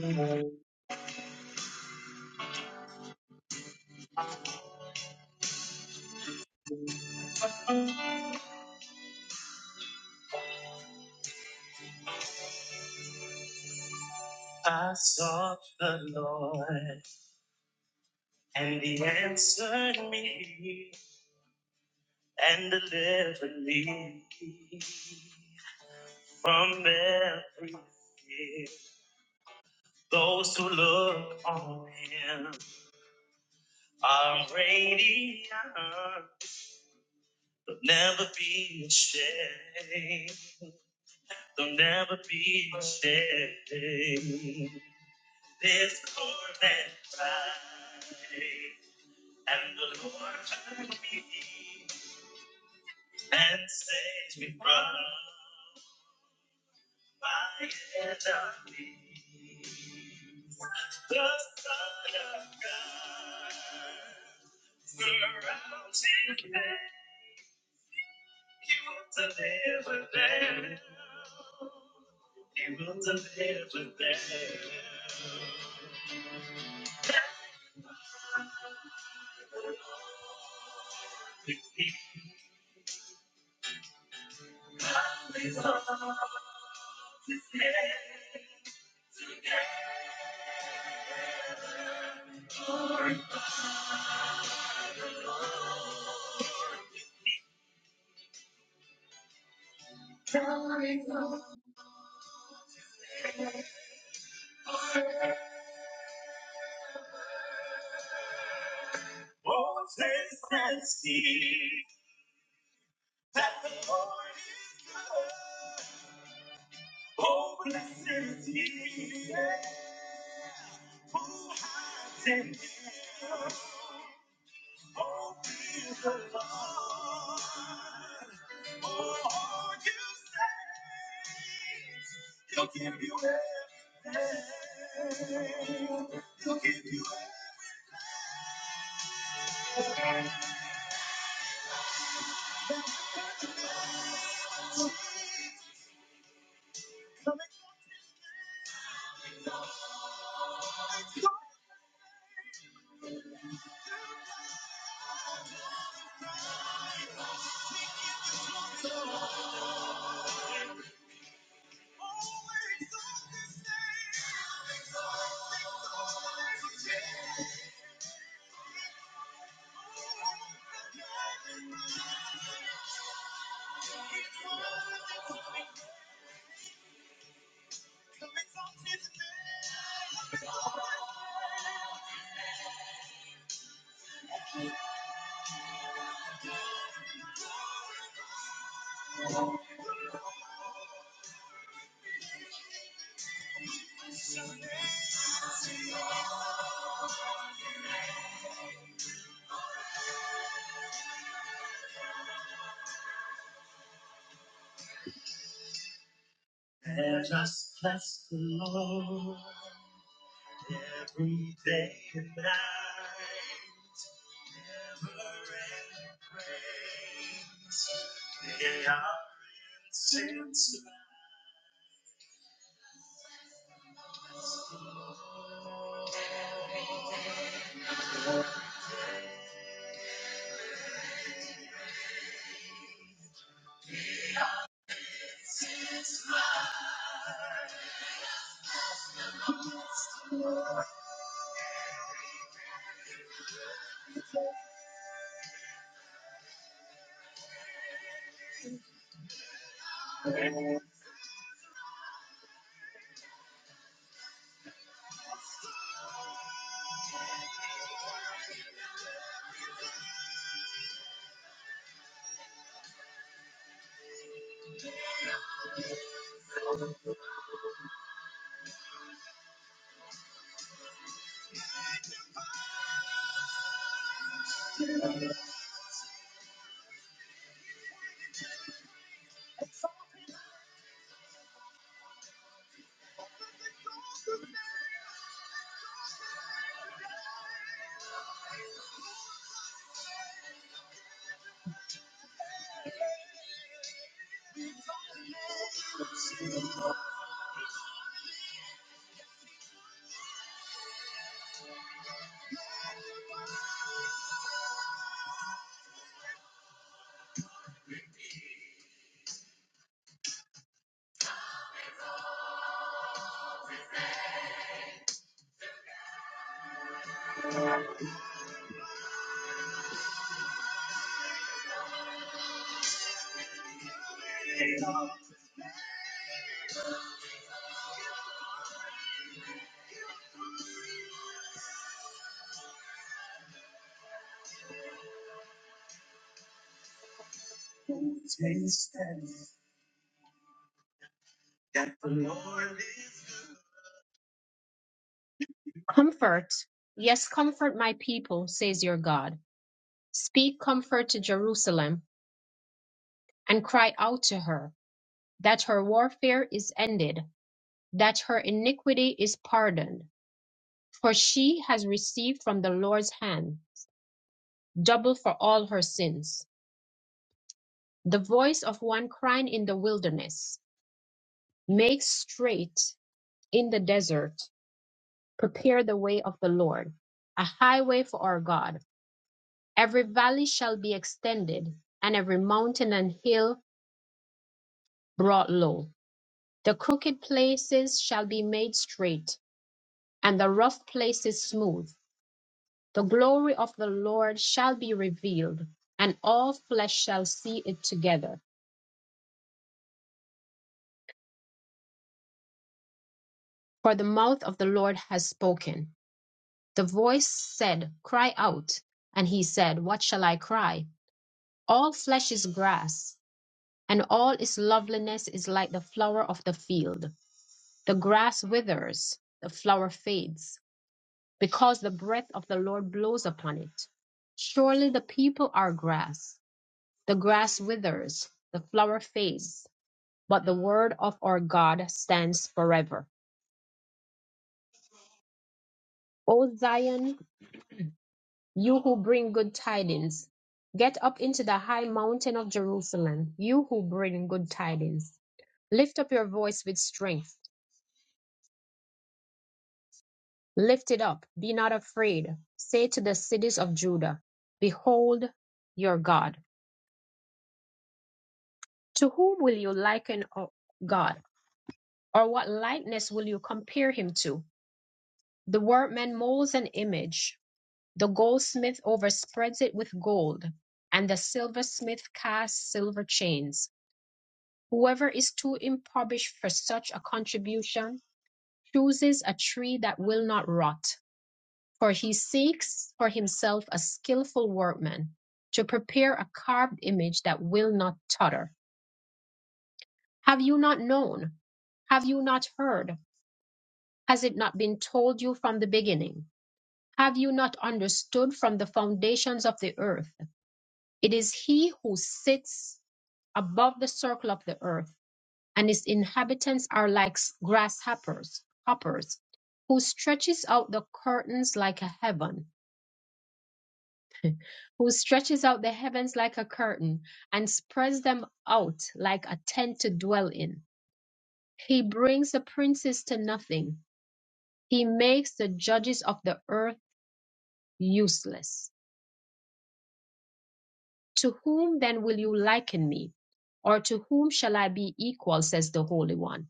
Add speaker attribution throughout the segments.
Speaker 1: I sought the Lord, and He answered me and delivered me from every fear. Those who look on Him are radiant. They'll never be ashamed. They'll never be ashamed. This poor man cried. And the Lord heard me and saved me from my enemies. The Son of God surrounds him. He will deliver them. He will deliver them. Oh, taste and see that the Lord is good. Oh, blessed is he who hides in him. Oh, praise the Lord. Oh, you say. And just bless the Lord every day and night. Never ending praise. They are incense. Taste and see. Comfort, yes, comfort my people, says your God. Speak comfort to Jerusalem and cry out to her that her warfare is ended, that her iniquity is pardoned, for she has received from the Lord's hand double for all her sins. The voice of one crying in the wilderness, Make straight in the desert, prepare the way of the Lord, a highway for our God. Every valley shall be extended, and every mountain and hill brought low. The crooked places shall be made straight, and the rough places smooth. The glory of the Lord shall be revealed, and all flesh shall see it together. For the mouth of the Lord has spoken. The voice said, Cry out. And he said, What shall I cry? All flesh is grass, and all its loveliness is like the flower of the field. The grass withers, the flower fades, because the breath of the Lord blows upon it. Surely the people are grass. The grass withers, the flower fades, but the word of our God stands forever. O Zion, you who bring good tidings, get up into the high mountain of Jerusalem, you who bring good tidings. Lift up your voice with strength Lift it up, be not afraid. Say to the cities of Judah, Behold your God. To whom will you liken O God? Or what likeness will you compare him to? The workman molds an image, the goldsmith overspreads it with gold, and the silversmith casts silver chains. Whoever is too impoverished for such a contribution chooses a tree that will not rot for he seeks for himself a skillful workman to prepare a carved image that will not totter. Have you not known? Have you not heard? Has it not been told you from the beginning? Have you not understood from the foundations of the earth? It is he who sits above the circle of the earth, and his inhabitants are like grasshoppers, hoppers, who stretches out the curtains like a heaven who stretches out the heavens like a curtain and spreads them out like a tent to dwell in. He brings the princes to nothing. He makes the judges of the earth useless. To whom then will you liken me? Or to whom shall I be equal, says the Holy One?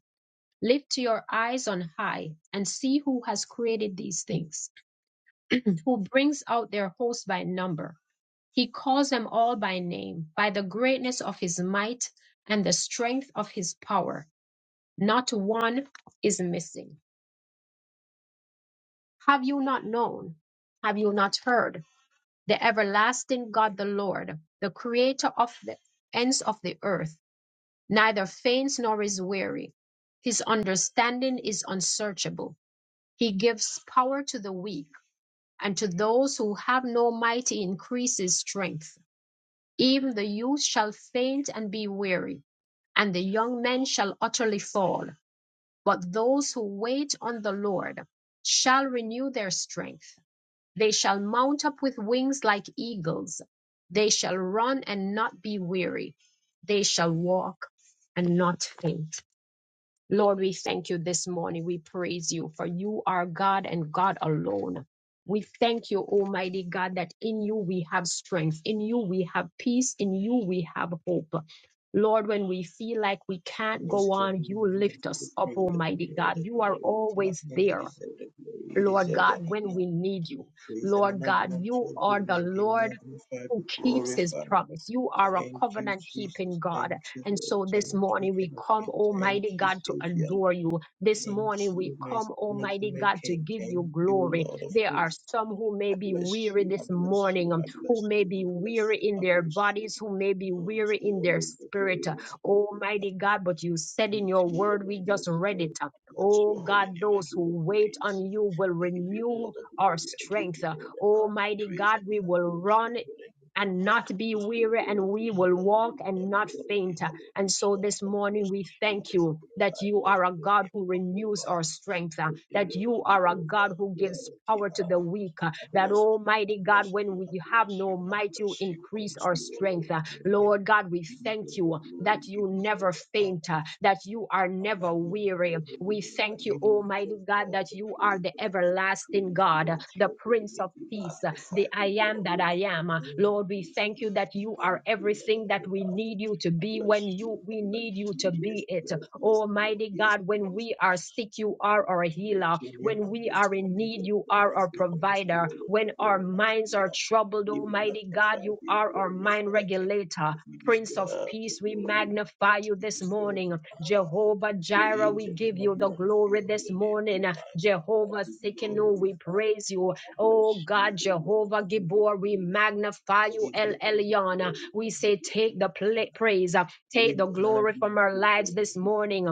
Speaker 1: Lift your eyes on high and see who has created these things, who brings out their host by number He calls them all by name, by the greatness of his might and the strength of his power. Not one is missing. Have you not known? Have you not heard? The everlasting God, the Lord, the creator of the ends of the earth, neither faints nor is weary. His understanding is unsearchable. He gives power to the weak, and to those who have no might, he increases strength. Even the youth shall faint and be weary, and the young men shall utterly fall. But those who wait on the Lord shall renew their strength. They shall mount up with wings like eagles. They shall run and not be weary. They shall walk and not faint. Lord, we thank you this morning. We praise you, for you are God and God alone. We thank you, Almighty God, that in you we have strength, in you we have peace, in you we have hope. Lord, when we feel like we can't
Speaker 2: Bless
Speaker 1: go
Speaker 2: your
Speaker 1: on,
Speaker 2: holy
Speaker 1: you
Speaker 2: name and
Speaker 1: lift
Speaker 2: we
Speaker 1: us up,
Speaker 2: pray that you
Speaker 1: Almighty
Speaker 2: give all
Speaker 1: God.
Speaker 2: the
Speaker 1: You are
Speaker 2: glory. King of
Speaker 1: always
Speaker 2: Kings, you
Speaker 1: there,
Speaker 2: deserve the glory, you
Speaker 1: Lord
Speaker 2: deserve
Speaker 1: God,
Speaker 2: the
Speaker 1: when
Speaker 2: honor.
Speaker 1: we need you.
Speaker 2: Praise and
Speaker 1: Lord
Speaker 2: honor be
Speaker 1: God,
Speaker 2: unto
Speaker 1: you
Speaker 2: your
Speaker 1: are
Speaker 2: holy
Speaker 1: the
Speaker 2: name. Be
Speaker 1: Lord
Speaker 2: magnified, be
Speaker 1: who keeps his
Speaker 2: glorified.
Speaker 1: promise. You are a
Speaker 2: Thank you,
Speaker 1: covenant keeping
Speaker 2: Jesus.
Speaker 1: God.
Speaker 2: Thank you,
Speaker 1: And
Speaker 2: Lord.
Speaker 1: so this
Speaker 2: Thank you,
Speaker 1: morning
Speaker 2: King
Speaker 1: we
Speaker 2: of
Speaker 1: come,
Speaker 2: Kings. Thank
Speaker 1: Almighty
Speaker 2: you,
Speaker 1: God, to
Speaker 2: Savior.
Speaker 1: adore you. This
Speaker 2: Thank
Speaker 1: morning we
Speaker 2: you, my
Speaker 1: come,
Speaker 2: strong
Speaker 1: Almighty
Speaker 2: and
Speaker 1: God, to
Speaker 2: King.
Speaker 1: give
Speaker 2: Thank
Speaker 1: you
Speaker 2: you,
Speaker 1: glory.
Speaker 2: Lord of
Speaker 1: There are
Speaker 2: hosts.
Speaker 1: some who may
Speaker 2: I
Speaker 1: be
Speaker 2: bless
Speaker 1: weary
Speaker 2: you, I
Speaker 1: this
Speaker 2: bless you,
Speaker 1: morning, um,
Speaker 2: I bless
Speaker 1: who may
Speaker 2: you,
Speaker 1: be
Speaker 2: I bless
Speaker 1: weary
Speaker 2: you,
Speaker 1: in
Speaker 2: I
Speaker 1: their
Speaker 2: bless you.
Speaker 1: bodies, who may be
Speaker 2: Unto
Speaker 1: weary
Speaker 2: you,
Speaker 1: in
Speaker 2: O
Speaker 1: their
Speaker 2: Lord, the
Speaker 1: spirit.
Speaker 2: glory
Speaker 1: uh,
Speaker 2: must be given.
Speaker 1: Almighty God, but you said in
Speaker 2: Thank
Speaker 1: your
Speaker 2: you, O
Speaker 1: word, we
Speaker 2: Lord,
Speaker 1: just
Speaker 2: yes,
Speaker 1: read
Speaker 2: Lord.
Speaker 1: it. uh,
Speaker 2: I Bless
Speaker 1: Oh
Speaker 2: your holy
Speaker 1: God,
Speaker 2: name. I
Speaker 1: those
Speaker 2: give
Speaker 1: who
Speaker 2: you
Speaker 1: wait on
Speaker 2: praise.
Speaker 1: you will
Speaker 2: I give you all
Speaker 1: renew
Speaker 2: the
Speaker 1: our
Speaker 2: glory. I give you
Speaker 1: strength. uh,
Speaker 2: all the honor,
Speaker 1: Almighty
Speaker 2: praise,
Speaker 1: God,
Speaker 2: and
Speaker 1: we will
Speaker 2: adoration.
Speaker 1: run
Speaker 2: Your holy name.
Speaker 1: and not be
Speaker 2: Yes, we
Speaker 1: weary, and
Speaker 2: worthy.
Speaker 1: we will walk and
Speaker 2: Hallelujah.
Speaker 1: not
Speaker 2: Worthy.
Speaker 1: faint. And so
Speaker 2: Hallelujah.
Speaker 1: this
Speaker 2: I
Speaker 1: morning,
Speaker 2: bless
Speaker 1: we
Speaker 2: you.
Speaker 1: thank
Speaker 2: Yes,
Speaker 1: you
Speaker 2: Lord.
Speaker 1: that
Speaker 2: I
Speaker 1: you
Speaker 2: lift
Speaker 1: are a
Speaker 2: your
Speaker 1: God
Speaker 2: name
Speaker 1: who
Speaker 2: up
Speaker 1: renews
Speaker 2: over.
Speaker 1: our strength, uh,
Speaker 2: I say
Speaker 1: that you
Speaker 2: worthy,
Speaker 1: are
Speaker 2: O
Speaker 1: a God
Speaker 2: God.
Speaker 1: who gives
Speaker 2: Worthy.
Speaker 1: power to the
Speaker 2: Ah,
Speaker 1: weak,
Speaker 2: I
Speaker 1: that
Speaker 2: bless you. I
Speaker 1: Almighty God,
Speaker 2: bless you.
Speaker 1: when
Speaker 2: I
Speaker 1: we have
Speaker 2: bless you.
Speaker 1: no
Speaker 2: I
Speaker 1: might,
Speaker 2: bless
Speaker 1: you
Speaker 2: you.
Speaker 1: increase
Speaker 2: Unto
Speaker 1: our
Speaker 2: you, O
Speaker 1: strength.
Speaker 2: Lord.
Speaker 1: Uh,
Speaker 2: King of Kings.
Speaker 1: Lord God, we
Speaker 2: We need your
Speaker 1: thank you
Speaker 2: glory.
Speaker 1: that
Speaker 2: We
Speaker 1: you
Speaker 2: deserve
Speaker 1: never
Speaker 2: the honor.
Speaker 1: faint, uh, that you are
Speaker 2: I want
Speaker 1: never
Speaker 2: to bless your
Speaker 1: weary.
Speaker 2: holy
Speaker 1: We
Speaker 2: name.
Speaker 1: thank
Speaker 2: And
Speaker 1: you,
Speaker 2: you
Speaker 1: Almighty
Speaker 2: deserve
Speaker 1: God,
Speaker 2: all
Speaker 1: that
Speaker 2: the
Speaker 1: you are
Speaker 2: praise,
Speaker 1: the
Speaker 2: Lord.
Speaker 1: everlasting
Speaker 2: Praise be
Speaker 1: God, uh,
Speaker 2: unto
Speaker 1: the
Speaker 2: your holy
Speaker 1: Prince
Speaker 2: name.
Speaker 1: of
Speaker 2: Be
Speaker 1: Peace, uh, the
Speaker 2: magnified, be
Speaker 1: I am that I
Speaker 2: glorified.
Speaker 1: am. Uh,
Speaker 2: Thank
Speaker 1: Lord, we
Speaker 2: you,
Speaker 1: thank
Speaker 2: King.
Speaker 1: you that you
Speaker 2: Thank
Speaker 1: are
Speaker 2: you,
Speaker 1: everything that we
Speaker 2: Lord.
Speaker 1: need you to
Speaker 2: I
Speaker 1: be
Speaker 2: bless
Speaker 1: when
Speaker 2: you.
Speaker 1: you
Speaker 2: I
Speaker 1: we
Speaker 2: bless
Speaker 1: need you
Speaker 2: you.
Speaker 1: to be
Speaker 2: Yes,
Speaker 1: it.
Speaker 2: Lord. Yes, Lord.
Speaker 1: Almighty
Speaker 2: Yes,
Speaker 1: God, when
Speaker 2: Lord.
Speaker 1: we are sick, you are our
Speaker 2: Lift
Speaker 1: healer.
Speaker 2: your name
Speaker 1: When
Speaker 2: up
Speaker 1: we
Speaker 2: this
Speaker 1: are in
Speaker 2: morning,
Speaker 1: need,
Speaker 2: Lord.
Speaker 1: you
Speaker 2: Lord,
Speaker 1: are
Speaker 2: I
Speaker 1: our
Speaker 2: say unto you,
Speaker 1: provider.
Speaker 2: O Lord, the
Speaker 1: When our
Speaker 2: Lord, I say,
Speaker 1: minds are
Speaker 2: Lord,
Speaker 1: troubled,
Speaker 2: be
Speaker 1: Almighty God,
Speaker 2: magnified,
Speaker 1: you
Speaker 2: be
Speaker 1: are our mind
Speaker 2: glorified, King. of
Speaker 1: regulator.
Speaker 2: Kings. You
Speaker 1: Prince of
Speaker 2: deserve the
Speaker 1: Peace, we
Speaker 2: glory.
Speaker 1: magnify you
Speaker 2: You
Speaker 1: this
Speaker 2: deserve
Speaker 1: morning.
Speaker 2: the honor
Speaker 1: Jehovah Jireh, we
Speaker 2: created and
Speaker 1: give
Speaker 2: I
Speaker 1: you
Speaker 2: be
Speaker 1: the
Speaker 2: unto
Speaker 1: glory
Speaker 2: your
Speaker 1: this
Speaker 2: holy name be
Speaker 1: morning.
Speaker 2: mine. I
Speaker 1: Jehovah
Speaker 2: will
Speaker 1: Sikkenu, we
Speaker 2: glorify,
Speaker 1: praise you.
Speaker 2: I bless
Speaker 1: Oh
Speaker 2: you,
Speaker 1: God,
Speaker 2: O Lord,
Speaker 1: Jehovah
Speaker 2: I give you
Speaker 1: Gibor, we
Speaker 2: praise,
Speaker 1: magnify
Speaker 2: I
Speaker 1: you,
Speaker 2: give
Speaker 1: El
Speaker 2: you all the
Speaker 1: Elyon.
Speaker 2: glory, I
Speaker 1: We
Speaker 2: give
Speaker 1: say,
Speaker 2: you all
Speaker 1: take the
Speaker 2: the
Speaker 1: pla- praise. Take the
Speaker 2: praise and honor
Speaker 1: glory
Speaker 2: be
Speaker 1: from
Speaker 2: unto
Speaker 1: our
Speaker 2: your
Speaker 1: lives
Speaker 2: holy
Speaker 1: this
Speaker 2: name
Speaker 1: morning.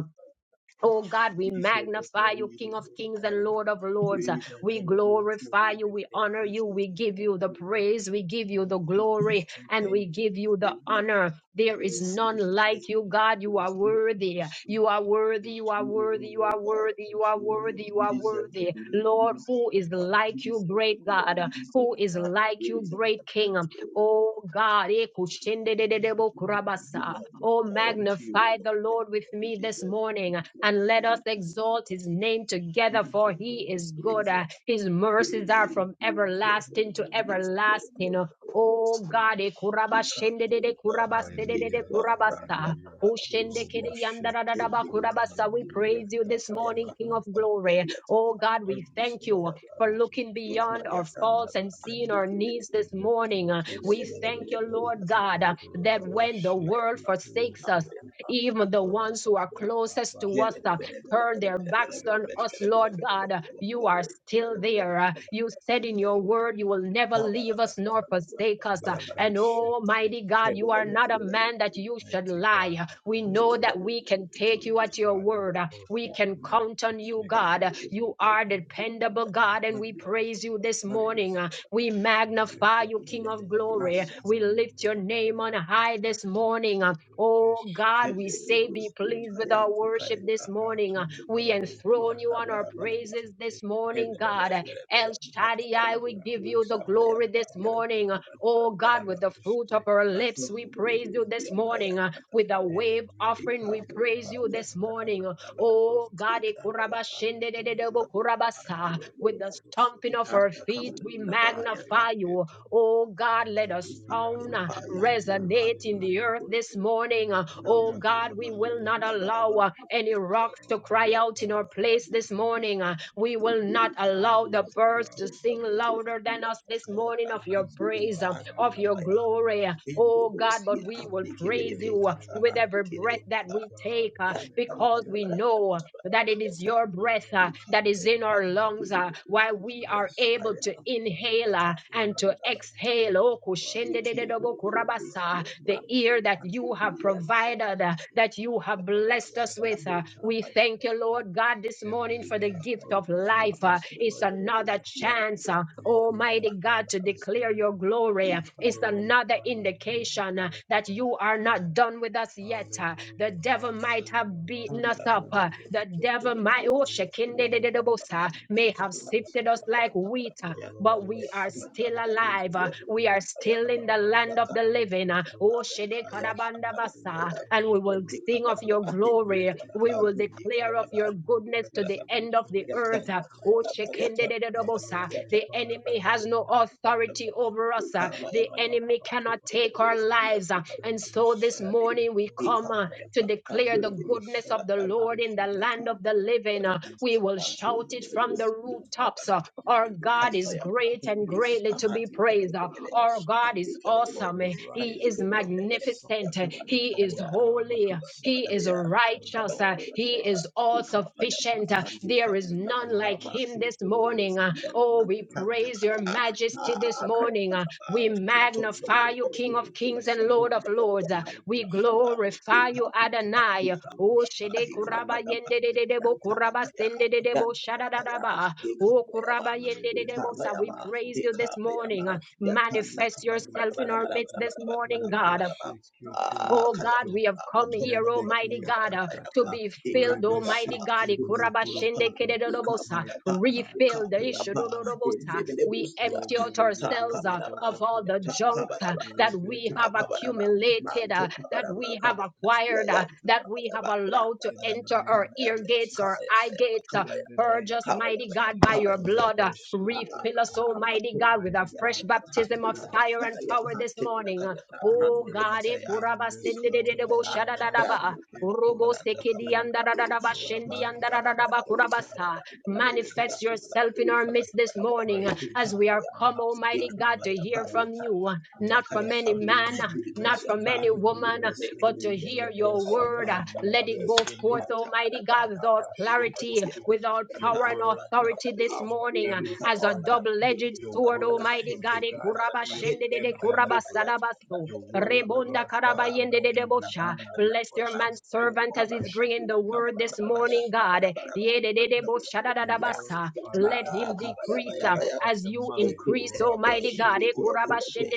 Speaker 1: Oh God, we
Speaker 2: You deserve the
Speaker 1: magnify
Speaker 2: glory,
Speaker 1: you,
Speaker 2: you
Speaker 1: King of
Speaker 2: deserve the
Speaker 1: kings and
Speaker 2: honor.
Speaker 1: Lord of lords.
Speaker 2: Praise and
Speaker 1: We
Speaker 2: honor be unto your
Speaker 1: glorify
Speaker 2: holy
Speaker 1: you.
Speaker 2: name,
Speaker 1: We
Speaker 2: thank
Speaker 1: honor
Speaker 2: you,
Speaker 1: you.
Speaker 2: Jesus,
Speaker 1: We give
Speaker 2: thank
Speaker 1: you the
Speaker 2: you, Lord,
Speaker 1: praise. We give you
Speaker 2: thank
Speaker 1: the
Speaker 2: you, thank
Speaker 1: glory
Speaker 2: you,
Speaker 1: and
Speaker 2: thank
Speaker 1: we
Speaker 2: you.
Speaker 1: give you the honor. There is
Speaker 2: bless
Speaker 1: none
Speaker 2: you, bless
Speaker 1: like you,
Speaker 2: you,
Speaker 1: God. You are
Speaker 2: bless you,
Speaker 1: worthy.
Speaker 2: bless you.
Speaker 1: You are worthy.
Speaker 2: Unto
Speaker 1: You are
Speaker 2: you
Speaker 1: worthy.
Speaker 2: alone,
Speaker 1: You
Speaker 2: O
Speaker 1: are
Speaker 2: God,
Speaker 1: worthy. You
Speaker 2: unto
Speaker 1: are
Speaker 2: you
Speaker 1: worthy.
Speaker 2: alone.
Speaker 1: You
Speaker 2: You
Speaker 1: are
Speaker 2: deserve the
Speaker 1: worthy.
Speaker 2: glory, you
Speaker 1: Lord,
Speaker 2: deserve
Speaker 1: who
Speaker 2: the
Speaker 1: is
Speaker 2: honor, you
Speaker 1: like you,
Speaker 2: deserve the
Speaker 1: great
Speaker 2: glory,
Speaker 1: God?
Speaker 2: you deserve
Speaker 1: Who
Speaker 2: the
Speaker 1: is
Speaker 2: honor,
Speaker 1: like you,
Speaker 2: praise, and
Speaker 1: great
Speaker 2: honor be
Speaker 1: King?
Speaker 2: unto you.
Speaker 1: Oh God, eh, kushendedededebo
Speaker 2: And you
Speaker 1: kurabasa. oh
Speaker 2: magnify unto you
Speaker 1: magnify the
Speaker 2: alone, yes,
Speaker 1: Lord with
Speaker 2: Lord. You
Speaker 1: me this
Speaker 2: deserve it, you
Speaker 1: morning
Speaker 2: deserve it,
Speaker 1: and
Speaker 2: you
Speaker 1: let us
Speaker 2: deserve it.
Speaker 1: exalt his name
Speaker 2: You
Speaker 1: together, for
Speaker 2: deserve
Speaker 1: he
Speaker 2: all the
Speaker 1: is good.
Speaker 2: praise,
Speaker 1: Uh,
Speaker 2: and I
Speaker 1: His mercies are
Speaker 2: praise
Speaker 1: from
Speaker 2: You unto your holy
Speaker 1: everlasting to
Speaker 2: name, yes, Lord,
Speaker 1: everlasting.
Speaker 2: yes, Lord, yes,
Speaker 1: Oh
Speaker 2: Lord.
Speaker 1: God, e kuraba
Speaker 2: Ika,
Speaker 1: shende
Speaker 2: Ika,
Speaker 1: de de
Speaker 2: Ika,
Speaker 1: kuraba
Speaker 2: Ika, Ika, Ika, Ika, Ika,
Speaker 1: sede de de
Speaker 3: Hallelujah.
Speaker 2: Ika, Ika, Ika,
Speaker 1: kurabasta.
Speaker 3: Hallelujah.
Speaker 1: O shende kede
Speaker 3: Robo
Speaker 1: yandara da
Speaker 2: Thank
Speaker 1: da
Speaker 3: sheke
Speaker 1: ba
Speaker 3: turonde
Speaker 1: kurabasa. We
Speaker 3: kia
Speaker 1: praise you this
Speaker 3: kata
Speaker 1: morning, King of
Speaker 3: rakata.
Speaker 1: Glory. Oh God, we
Speaker 3: Praise
Speaker 1: thank
Speaker 3: you. We
Speaker 1: you for looking
Speaker 3: glorify
Speaker 1: beyond
Speaker 3: you.
Speaker 1: our
Speaker 3: We
Speaker 1: faults
Speaker 3: honor
Speaker 1: and
Speaker 3: you.
Speaker 1: seeing our needs this
Speaker 3: We lift you
Speaker 1: morning.
Speaker 3: up
Speaker 1: Uh,
Speaker 3: this
Speaker 1: We
Speaker 3: morning.
Speaker 1: thank you, Lord
Speaker 3: Mighty
Speaker 1: God, uh,
Speaker 3: God.
Speaker 1: that
Speaker 3: Rabba
Speaker 1: when the world
Speaker 3: sheke
Speaker 1: forsakes us,
Speaker 3: turokoto.
Speaker 1: even the ones who
Speaker 3: Rabba
Speaker 1: are
Speaker 3: ba ba
Speaker 1: closest
Speaker 3: ba
Speaker 1: to us.
Speaker 3: ba ba
Speaker 1: uh,
Speaker 3: ba.
Speaker 1: turn their backs on
Speaker 3: Rebe
Speaker 1: us,
Speaker 3: sheke
Speaker 1: Lord God. You are still
Speaker 3: turokoto.
Speaker 1: there. You said in your word,
Speaker 3: Rabba
Speaker 1: you will never
Speaker 3: kata
Speaker 1: leave us
Speaker 3: kata.
Speaker 1: nor forsake us.
Speaker 3: Rebe
Speaker 1: And
Speaker 3: sheke
Speaker 1: Almighty God, you are not
Speaker 3: turokoto.
Speaker 1: a man that you should
Speaker 3: Mighty God,
Speaker 1: lie.
Speaker 3: you're
Speaker 1: We know
Speaker 3: awesome.
Speaker 1: that we can take you
Speaker 3: Mighty
Speaker 1: at your
Speaker 3: God, your
Speaker 1: word. We
Speaker 3: perfect
Speaker 1: can
Speaker 3: wrap.
Speaker 1: count on you,
Speaker 3: Mighty
Speaker 1: God. You are dependable, God, and we
Speaker 2: you.
Speaker 3: God,
Speaker 1: praise
Speaker 3: we
Speaker 1: you this
Speaker 3: praise
Speaker 1: morning.
Speaker 3: you.
Speaker 1: We
Speaker 3: We lift
Speaker 1: magnify
Speaker 3: up
Speaker 1: you,
Speaker 3: your
Speaker 1: King of
Speaker 3: name this
Speaker 1: glory.
Speaker 2: Brandas,
Speaker 1: We
Speaker 3: morning,
Speaker 1: lift your name on high this
Speaker 3: Rabandakatata.
Speaker 1: morning. Uh, Oh God, we say, be
Speaker 2: Kemurusia,
Speaker 1: pleased
Speaker 3: Rebeshiketorokoto.
Speaker 1: with our
Speaker 2: Kayanta,
Speaker 1: worship
Speaker 2: Kayaka,
Speaker 1: this
Speaker 3: Mighty God,
Speaker 1: morning. Uh,
Speaker 3: we
Speaker 1: We
Speaker 2: Tumburusia,
Speaker 1: enthrone
Speaker 3: glorify
Speaker 1: you on
Speaker 3: your
Speaker 1: our
Speaker 3: name
Speaker 2: Kabarabaraba,
Speaker 1: praises this
Speaker 3: today.
Speaker 1: morning,
Speaker 3: Robo
Speaker 1: God. Uh, El
Speaker 2: Hebelebereba,
Speaker 3: Shekete
Speaker 1: Shaddai,
Speaker 2: Kabayaba,
Speaker 1: we give you the
Speaker 3: Rabashtanda
Speaker 1: glory
Speaker 2: Kabayaba,
Speaker 1: this
Speaker 2: Yanta,
Speaker 3: Karakata
Speaker 1: morning. Uh, Oh God,
Speaker 2: Kabarabaraba,
Speaker 1: with the fruit
Speaker 3: Rebesheke
Speaker 1: of our lips, we praise you this
Speaker 2: Matumburusia,
Speaker 1: morning. Uh,
Speaker 2: Kayanta,
Speaker 1: With a
Speaker 2: Kabaya,
Speaker 1: wave
Speaker 3: Amen.
Speaker 1: offering, we
Speaker 3: Praise
Speaker 2: Ekapayaba,
Speaker 1: praise
Speaker 3: God
Speaker 1: you this
Speaker 2: Yanta,
Speaker 1: morning.
Speaker 3: Almighty.
Speaker 1: Uh,
Speaker 2: Kabarabaraba,
Speaker 1: Oh
Speaker 3: Rabando
Speaker 1: God,
Speaker 2: Ekabayaba,
Speaker 3: porokoto Rekete.
Speaker 1: Ekurabashindededebo
Speaker 2: Tumburusia,
Speaker 1: kurabasa.
Speaker 3: Rabando
Speaker 1: With the stomping of our
Speaker 2: Kayanta,
Speaker 3: Kurokotote.
Speaker 1: feet, we
Speaker 2: Kabarabaraba,
Speaker 1: magnify you.
Speaker 3: Nekereketo.
Speaker 1: Oh God, let a
Speaker 3: Hallelujah,
Speaker 1: sound uh,
Speaker 2: Yanta, Ekapayaba, Yanta,
Speaker 3: hallelujah,
Speaker 1: resonate in the
Speaker 3: hallelujah,
Speaker 1: earth this
Speaker 2: Kabarabaraba,
Speaker 1: morning. uh, Oh
Speaker 3: hallelujah, hallelujah,
Speaker 1: God, we will not allow
Speaker 3: hallelujah.
Speaker 1: uh, any rocks
Speaker 3: Oh
Speaker 1: to
Speaker 3: my
Speaker 1: cry out in our
Speaker 3: God,
Speaker 1: place this
Speaker 3: hallelujah,
Speaker 1: morning. uh, We
Speaker 3: hallelujah.
Speaker 1: will not allow the
Speaker 3: Praise
Speaker 1: birds
Speaker 3: God
Speaker 1: to sing
Speaker 3: Almighty.
Speaker 1: louder than us this
Speaker 3: Oh,
Speaker 1: morning of your
Speaker 3: praise
Speaker 1: praise, uh,
Speaker 3: God,
Speaker 1: of your
Speaker 3: hallelujah,
Speaker 1: glory. uh,
Speaker 3: hallelujah.
Speaker 1: Oh God, but we will
Speaker 3: Hallelujah,
Speaker 1: praise you uh, with
Speaker 3: hallelujah,
Speaker 1: every breath
Speaker 3: glory
Speaker 1: that
Speaker 3: to
Speaker 1: we
Speaker 3: God,
Speaker 1: take uh, because
Speaker 3: hallelujah,
Speaker 1: we know uh, that it is your breath
Speaker 3: hallelujah,
Speaker 1: uh, that is in
Speaker 3: hallelujah.
Speaker 1: our
Speaker 3: hallelujah.
Speaker 1: lungs. uh, why we are
Speaker 3: Yes,
Speaker 2: Kaya
Speaker 1: able to
Speaker 3: mighty God,
Speaker 1: inhale
Speaker 3: we
Speaker 1: uh,
Speaker 2: yatanga
Speaker 1: and
Speaker 3: praise
Speaker 1: to
Speaker 3: you, we
Speaker 2: akabarabara
Speaker 1: exhale. Oh,
Speaker 3: glorify your name.
Speaker 2: ikiyegereye
Speaker 1: kushendededebokurabasa,
Speaker 2: ya
Speaker 1: The
Speaker 2: marco
Speaker 1: ear
Speaker 3: Rabandokurokote,
Speaker 1: that
Speaker 2: kandi
Speaker 1: you have
Speaker 2: yatanga
Speaker 1: provided, uh,
Speaker 3: reketete,
Speaker 1: that you have blessed us with. uh, We
Speaker 2: akabarabara
Speaker 1: thank you,
Speaker 3: rebendekiyokototo.
Speaker 1: Lord God, this
Speaker 3: In the
Speaker 1: morning for the
Speaker 3: name
Speaker 1: gift
Speaker 3: of
Speaker 1: of life. uh,
Speaker 3: Jesus
Speaker 1: It's
Speaker 3: Christ of
Speaker 1: another
Speaker 3: Nazareth,
Speaker 1: chance, uh,
Speaker 3: we give you
Speaker 1: Almighty God,
Speaker 3: thanks
Speaker 1: to
Speaker 3: this
Speaker 1: declare your
Speaker 3: morning.
Speaker 1: glory. uh,
Speaker 3: We
Speaker 1: It's another
Speaker 3: glorify your name,
Speaker 1: indication uh, that you
Speaker 3: Almighty
Speaker 1: are
Speaker 3: God.
Speaker 1: not done with us yet. uh, The
Speaker 3: Hallelujah,
Speaker 1: devil might
Speaker 3: hallelujah,
Speaker 1: have beaten us up.
Speaker 3: hallelujah,
Speaker 1: uh, The devil
Speaker 3: hallelujah.
Speaker 1: devil my oh,
Speaker 3: Praise the
Speaker 1: shekinde de de
Speaker 3: name
Speaker 1: de
Speaker 3: of
Speaker 1: bosa, may
Speaker 3: Jesus
Speaker 1: have
Speaker 3: Christ
Speaker 1: sifted
Speaker 3: of
Speaker 1: us like
Speaker 3: Nazareth.
Speaker 1: wheat, uh,
Speaker 2: Yata
Speaker 1: but
Speaker 3: Robo
Speaker 1: we are still
Speaker 3: Shikiti
Speaker 1: alive. uh, We are still in the land
Speaker 3: Rabando
Speaker 1: of the living. uh,
Speaker 3: Korokoto.
Speaker 1: oh, shede kadabanda basa, And
Speaker 3: Reshmetoyokondo
Speaker 1: we will sing
Speaker 3: Korokoto.
Speaker 1: of your glory.
Speaker 3: Mighty
Speaker 1: We
Speaker 3: God,
Speaker 1: will
Speaker 3: we
Speaker 1: declare of
Speaker 3: praise
Speaker 1: your
Speaker 3: you, we
Speaker 1: goodness to
Speaker 3: praise
Speaker 1: the
Speaker 3: you, we
Speaker 1: end of the
Speaker 3: praise you,
Speaker 1: earth.
Speaker 3: we
Speaker 1: uh,
Speaker 3: praise
Speaker 1: oh,
Speaker 3: you.
Speaker 1: shekinde de de de
Speaker 3: We
Speaker 1: bosa. The
Speaker 3: glorify the
Speaker 1: enemy has
Speaker 3: name
Speaker 1: no
Speaker 3: of
Speaker 1: authority
Speaker 3: Jehovah.
Speaker 1: over us. uh, The
Speaker 3: Rabba Baba
Speaker 1: enemy cannot
Speaker 3: Baba
Speaker 1: take our
Speaker 3: Baba.
Speaker 1: lives. uh, And
Speaker 3: Rebe
Speaker 1: so this morning we come. uh,
Speaker 3: Sheketorokodo.
Speaker 1: to declare the
Speaker 3: Rabba
Speaker 1: goodness of the Lord in the land of the
Speaker 3: Shekendokodokodo.
Speaker 1: living. Uh, We
Speaker 3: Mighty
Speaker 1: will
Speaker 3: God,
Speaker 1: shout it
Speaker 3: we
Speaker 1: from the
Speaker 3: bless you, we
Speaker 1: rooftops. uh,
Speaker 3: bless you,
Speaker 1: Our
Speaker 3: we
Speaker 1: God
Speaker 3: bless
Speaker 1: is
Speaker 3: you.
Speaker 1: great and
Speaker 3: Yes,
Speaker 1: greatly to be
Speaker 3: mighty God,
Speaker 1: praised. uh,
Speaker 3: you're
Speaker 1: Our
Speaker 3: awesome.
Speaker 1: God is
Speaker 3: From
Speaker 1: awesome.
Speaker 3: the
Speaker 1: uh, He is
Speaker 3: rising of the sun
Speaker 1: magnificent. uh,
Speaker 3: to the
Speaker 1: He is
Speaker 3: going down of
Speaker 1: holy.
Speaker 3: the
Speaker 1: uh, He
Speaker 3: same.
Speaker 1: is
Speaker 3: The
Speaker 1: righteous. uh,
Speaker 3: Lord
Speaker 1: He
Speaker 3: God
Speaker 1: is all
Speaker 3: Almighty is
Speaker 1: sufficient. uh,
Speaker 3: worthy.
Speaker 1: There is none like
Speaker 3: Robo
Speaker 1: Him this morning. uh,
Speaker 3: Shukurokote
Speaker 1: Oh, we
Speaker 3: Rekendo
Speaker 2: Thank
Speaker 1: praise
Speaker 2: you.
Speaker 1: your
Speaker 3: Kurokoto.
Speaker 1: majesty
Speaker 2: Thank
Speaker 1: this morning.
Speaker 3: Mighty
Speaker 1: uh, We
Speaker 3: God, we
Speaker 1: magnify
Speaker 3: praise
Speaker 1: you,
Speaker 3: your
Speaker 1: King of kings
Speaker 3: matchless
Speaker 1: and Lord
Speaker 3: name.
Speaker 1: of lords. uh,
Speaker 3: Rebe
Speaker 1: we
Speaker 3: Sheke
Speaker 1: glorify you,
Speaker 3: Kurokoto.
Speaker 1: Adonai. O shede
Speaker 3: Roshmete
Speaker 1: kuraba
Speaker 3: Yondo
Speaker 1: yende de de debo
Speaker 3: Kurokoto.
Speaker 1: kuraba sende de debo shadadadaba. O
Speaker 3: Rabakatatata.
Speaker 1: kuraba yende de debo
Speaker 3: Rebende
Speaker 1: sa. We praise you
Speaker 3: Kurokoto.
Speaker 1: this morning.
Speaker 3: Reshmete
Speaker 1: Manifest
Speaker 3: Yokondo
Speaker 1: yourself in our midst
Speaker 3: Kurokote.
Speaker 1: this morning,
Speaker 3: Rebe
Speaker 1: God.
Speaker 3: Sheke
Speaker 1: Oh God,
Speaker 3: Kurokoto.
Speaker 1: we have come here,
Speaker 3: Yandeke
Speaker 1: Almighty God, uh, to
Speaker 3: yakatata
Speaker 1: be filled, Almighty
Speaker 3: rebesheke
Speaker 1: God. Ikurabashende
Speaker 3: ndokurokoto.
Speaker 1: kededodobosa,
Speaker 3: Mighty God, in
Speaker 1: Refilled.
Speaker 3: the name of
Speaker 1: Ishudododobosa.
Speaker 3: Jesus.
Speaker 1: We
Speaker 2: you.
Speaker 1: empty
Speaker 3: Robo
Speaker 1: out
Speaker 3: bo bo
Speaker 2: Yata
Speaker 3: bo
Speaker 1: ourselves
Speaker 3: bo
Speaker 1: uh,
Speaker 3: bo
Speaker 2: kabaraba,
Speaker 3: bo
Speaker 1: of
Speaker 3: bo
Speaker 1: all the
Speaker 3: bo
Speaker 2: yata
Speaker 3: bo.
Speaker 1: junk uh,
Speaker 2: kabaraba,
Speaker 1: that
Speaker 3: Rebe
Speaker 1: we
Speaker 3: be
Speaker 2: yata
Speaker 1: have
Speaker 3: be be
Speaker 2: kabaraba,
Speaker 3: be be
Speaker 1: accumulated,
Speaker 3: be.
Speaker 2: manto
Speaker 1: uh, that
Speaker 2: kabaraba
Speaker 1: we have
Speaker 2: kabanda,
Speaker 1: acquired, uh,
Speaker 2: yayanta
Speaker 1: that we
Speaker 3: Rababababababata.
Speaker 1: have
Speaker 2: kabaraba,
Speaker 1: allowed
Speaker 2: branda
Speaker 1: to
Speaker 3: In
Speaker 2: baraba
Speaker 3: the
Speaker 1: enter our
Speaker 3: name
Speaker 1: ear
Speaker 3: of
Speaker 2: kabayaba,
Speaker 1: gates or
Speaker 3: Jesus.
Speaker 1: eye
Speaker 2: kabayaba,
Speaker 1: gates. uh,
Speaker 3: In the
Speaker 2: kabayaba,
Speaker 1: Purge
Speaker 3: name
Speaker 1: us,
Speaker 3: of
Speaker 1: mighty
Speaker 2: kabayaba,
Speaker 1: God, by
Speaker 3: Jesus.
Speaker 1: your
Speaker 2: kabayaba,
Speaker 1: blood. uh,
Speaker 3: Rebesheke
Speaker 2: kabayaba,
Speaker 1: Refill
Speaker 3: to.
Speaker 1: us, Almighty
Speaker 2: amatu,
Speaker 1: God, with a
Speaker 3: Mighty
Speaker 1: fresh
Speaker 3: God,
Speaker 2: yata
Speaker 3: mighty
Speaker 1: baptism
Speaker 2: handi
Speaker 1: of
Speaker 3: God.
Speaker 2: kata
Speaker 1: fire
Speaker 2: kata
Speaker 1: and
Speaker 2: ya
Speaker 1: power this
Speaker 2: handi kata
Speaker 1: morning.
Speaker 2: kata
Speaker 1: Uh,
Speaker 3: We
Speaker 1: Oh God,
Speaker 3: praise
Speaker 1: eh,
Speaker 3: your
Speaker 2: ya
Speaker 3: name
Speaker 1: koraba
Speaker 2: handi
Speaker 3: this
Speaker 1: sende de de
Speaker 3: morning,
Speaker 1: de
Speaker 2: kata
Speaker 1: bo
Speaker 2: ya.
Speaker 1: shada da
Speaker 3: Rabbi
Speaker 1: da ba.
Speaker 3: Sheke
Speaker 1: Robo sekedi
Speaker 3: Turukote,
Speaker 1: anda da da da ba shendi anda
Speaker 3: Rabanda
Speaker 1: da da da ba koraba
Speaker 3: Patata,
Speaker 1: sa.
Speaker 3: Rebbe
Speaker 1: Manifest yourself in our
Speaker 3: Sheke.
Speaker 1: midst this morning uh,
Speaker 3: Mighty
Speaker 1: as we
Speaker 3: God,
Speaker 1: are come,
Speaker 3: mighty
Speaker 1: Almighty
Speaker 3: God,
Speaker 1: God, to
Speaker 3: mighty
Speaker 1: hear
Speaker 3: God.
Speaker 1: from you, uh,
Speaker 3: We
Speaker 1: not from
Speaker 3: bless
Speaker 1: any
Speaker 3: your name,
Speaker 1: man, uh,
Speaker 3: we
Speaker 1: not
Speaker 3: bless your
Speaker 1: from any
Speaker 3: name, we
Speaker 1: woman,
Speaker 3: bless your
Speaker 1: but to
Speaker 3: name, we
Speaker 1: hear your
Speaker 3: bless your
Speaker 1: word.
Speaker 3: name,
Speaker 1: Uh,
Speaker 3: we
Speaker 1: Let it
Speaker 3: bless
Speaker 1: go
Speaker 3: your name.
Speaker 1: forth, Almighty God, with all
Speaker 3: Rabbi
Speaker 1: clarity,
Speaker 2: Thank you.
Speaker 3: Shokoto,
Speaker 1: with all
Speaker 3: your
Speaker 1: power and
Speaker 3: word got
Speaker 1: authority this
Speaker 3: power
Speaker 1: morning uh,
Speaker 3: and
Speaker 1: as a
Speaker 3: authority.
Speaker 1: double edged
Speaker 3: Your
Speaker 1: sword,
Speaker 3: word,
Speaker 1: Almighty
Speaker 3: Father
Speaker 1: God.
Speaker 3: God, heals
Speaker 1: Ekurabashendedede
Speaker 3: and delivers.
Speaker 1: kurabasadabaso,
Speaker 3: Your word, O
Speaker 1: rebonda
Speaker 3: Lord God Almighty,
Speaker 1: karabayendededebosha.
Speaker 3: remove
Speaker 1: Bless your man
Speaker 3: depression and
Speaker 1: servant as he's
Speaker 3: oppression.
Speaker 1: bringing the word this
Speaker 3: Rabba
Speaker 1: morning, God.
Speaker 3: Shokototo. Your word,
Speaker 1: Yedededeboshadadadabasa.
Speaker 3: Father
Speaker 1: Let
Speaker 3: God,
Speaker 1: him
Speaker 3: gives
Speaker 1: decrease uh,
Speaker 3: healing of
Speaker 1: as
Speaker 3: the
Speaker 1: you
Speaker 3: mind.
Speaker 1: increase,
Speaker 3: Rabba
Speaker 1: Almighty God.
Speaker 3: Shokototo.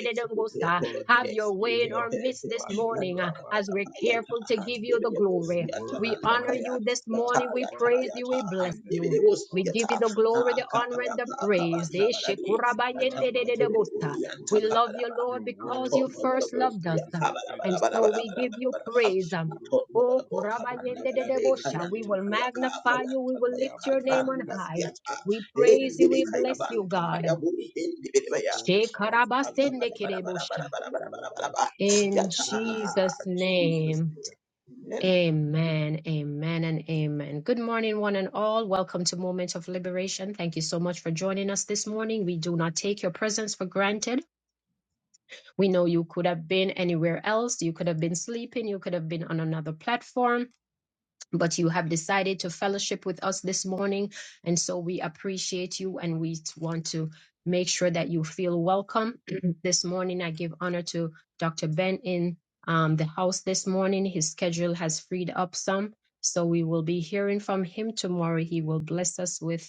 Speaker 3: Your word
Speaker 1: Have
Speaker 3: gives
Speaker 1: your way in
Speaker 3: healing
Speaker 1: our
Speaker 3: of the
Speaker 1: midst this
Speaker 3: body.
Speaker 1: morning
Speaker 2: Yanta
Speaker 1: uh,
Speaker 3: Rabba
Speaker 1: as
Speaker 2: kabala
Speaker 1: we're
Speaker 2: yanta
Speaker 1: careful to
Speaker 3: Dokorokoto
Speaker 1: give
Speaker 2: hande
Speaker 1: you the
Speaker 2: bebo
Speaker 3: your
Speaker 1: glory.
Speaker 2: siyata
Speaker 3: word,
Speaker 1: We
Speaker 2: anda
Speaker 1: honor
Speaker 2: kaya
Speaker 1: you
Speaker 3: mighty
Speaker 1: this
Speaker 3: God,
Speaker 2: Yata,
Speaker 1: morning. We
Speaker 2: yata,
Speaker 1: praise
Speaker 3: Father,
Speaker 1: you.
Speaker 2: yata,
Speaker 1: We bless
Speaker 3: in the
Speaker 1: you.
Speaker 2: handebele
Speaker 3: name
Speaker 2: was
Speaker 1: We
Speaker 3: of
Speaker 2: yata,
Speaker 1: give you the
Speaker 3: Jesus
Speaker 1: glory, the
Speaker 3: Christ,
Speaker 1: honor,
Speaker 3: bring
Speaker 1: and the
Speaker 2: akaparapa,
Speaker 3: about
Speaker 1: praise.
Speaker 2: akabanda
Speaker 1: Eh,
Speaker 3: changes.
Speaker 2: barabe, yata,
Speaker 3: Rabando
Speaker 2: yakebele,
Speaker 1: shekurabayendedededebosta.
Speaker 2: yanta
Speaker 1: We
Speaker 3: Kurokoto,
Speaker 1: love you,
Speaker 2: kabaraba,
Speaker 1: Lord,
Speaker 3: your
Speaker 1: because
Speaker 3: word,
Speaker 1: you
Speaker 2: matondo
Speaker 3: Father
Speaker 1: first
Speaker 2: barabo,
Speaker 3: God,
Speaker 1: loved us.
Speaker 3: brings
Speaker 1: uh,
Speaker 2: yakabara
Speaker 3: open
Speaker 1: And
Speaker 2: barabara
Speaker 1: so
Speaker 3: doors.
Speaker 1: we
Speaker 2: barabara
Speaker 1: give you
Speaker 2: barabara,
Speaker 1: praise. um,
Speaker 2: matondo
Speaker 1: Oh,
Speaker 3: Rabashukurokoto,
Speaker 2: barabo, kabanda barabe,
Speaker 3: Rebendeke
Speaker 1: kurabayendededebosha. we
Speaker 2: kayanta
Speaker 1: will
Speaker 2: kayaka,
Speaker 3: Yokototo,
Speaker 1: magnify you. We
Speaker 2: kayanta
Speaker 1: will lift
Speaker 2: kayaka,
Speaker 1: your
Speaker 3: Rabanda
Speaker 1: name on
Speaker 2: grandas
Speaker 1: high.
Speaker 2: yata,
Speaker 3: Katata,
Speaker 1: We
Speaker 3: in
Speaker 1: praise you.
Speaker 3: the
Speaker 2: endebe
Speaker 1: We bless
Speaker 3: mighty
Speaker 1: you,
Speaker 2: kayabanta
Speaker 3: name
Speaker 1: God.
Speaker 3: of
Speaker 2: kayabu,
Speaker 3: Jesus,
Speaker 2: endebele baya,
Speaker 3: Spirit of
Speaker 2: yata,
Speaker 3: the
Speaker 2: akabara
Speaker 3: living God,
Speaker 2: barabara
Speaker 1: Shekarabasendekedebosha.
Speaker 2: barabara barabara barabara,
Speaker 1: In
Speaker 3: Robosheke
Speaker 2: yata,
Speaker 3: Torokoto,
Speaker 1: Jesus'
Speaker 2: Jesus.
Speaker 1: name,
Speaker 3: mighty God.
Speaker 2: name. Amen.
Speaker 1: amen, amen, and amen. Good morning, one and all. Welcome to Moment of Liberation. Thank you so much for joining us this morning. We do not take your presence for granted. We know you could have been anywhere else. You could have been sleeping. You could have been on another platform but you have decided to fellowship with us this morning. And so we appreciate you and we t- want to make sure that you feel welcome. this morning, I give honor to Dr. Ben in um, the house this morning. His schedule has freed up some. So we will be hearing from him tomorrow. He will bless us with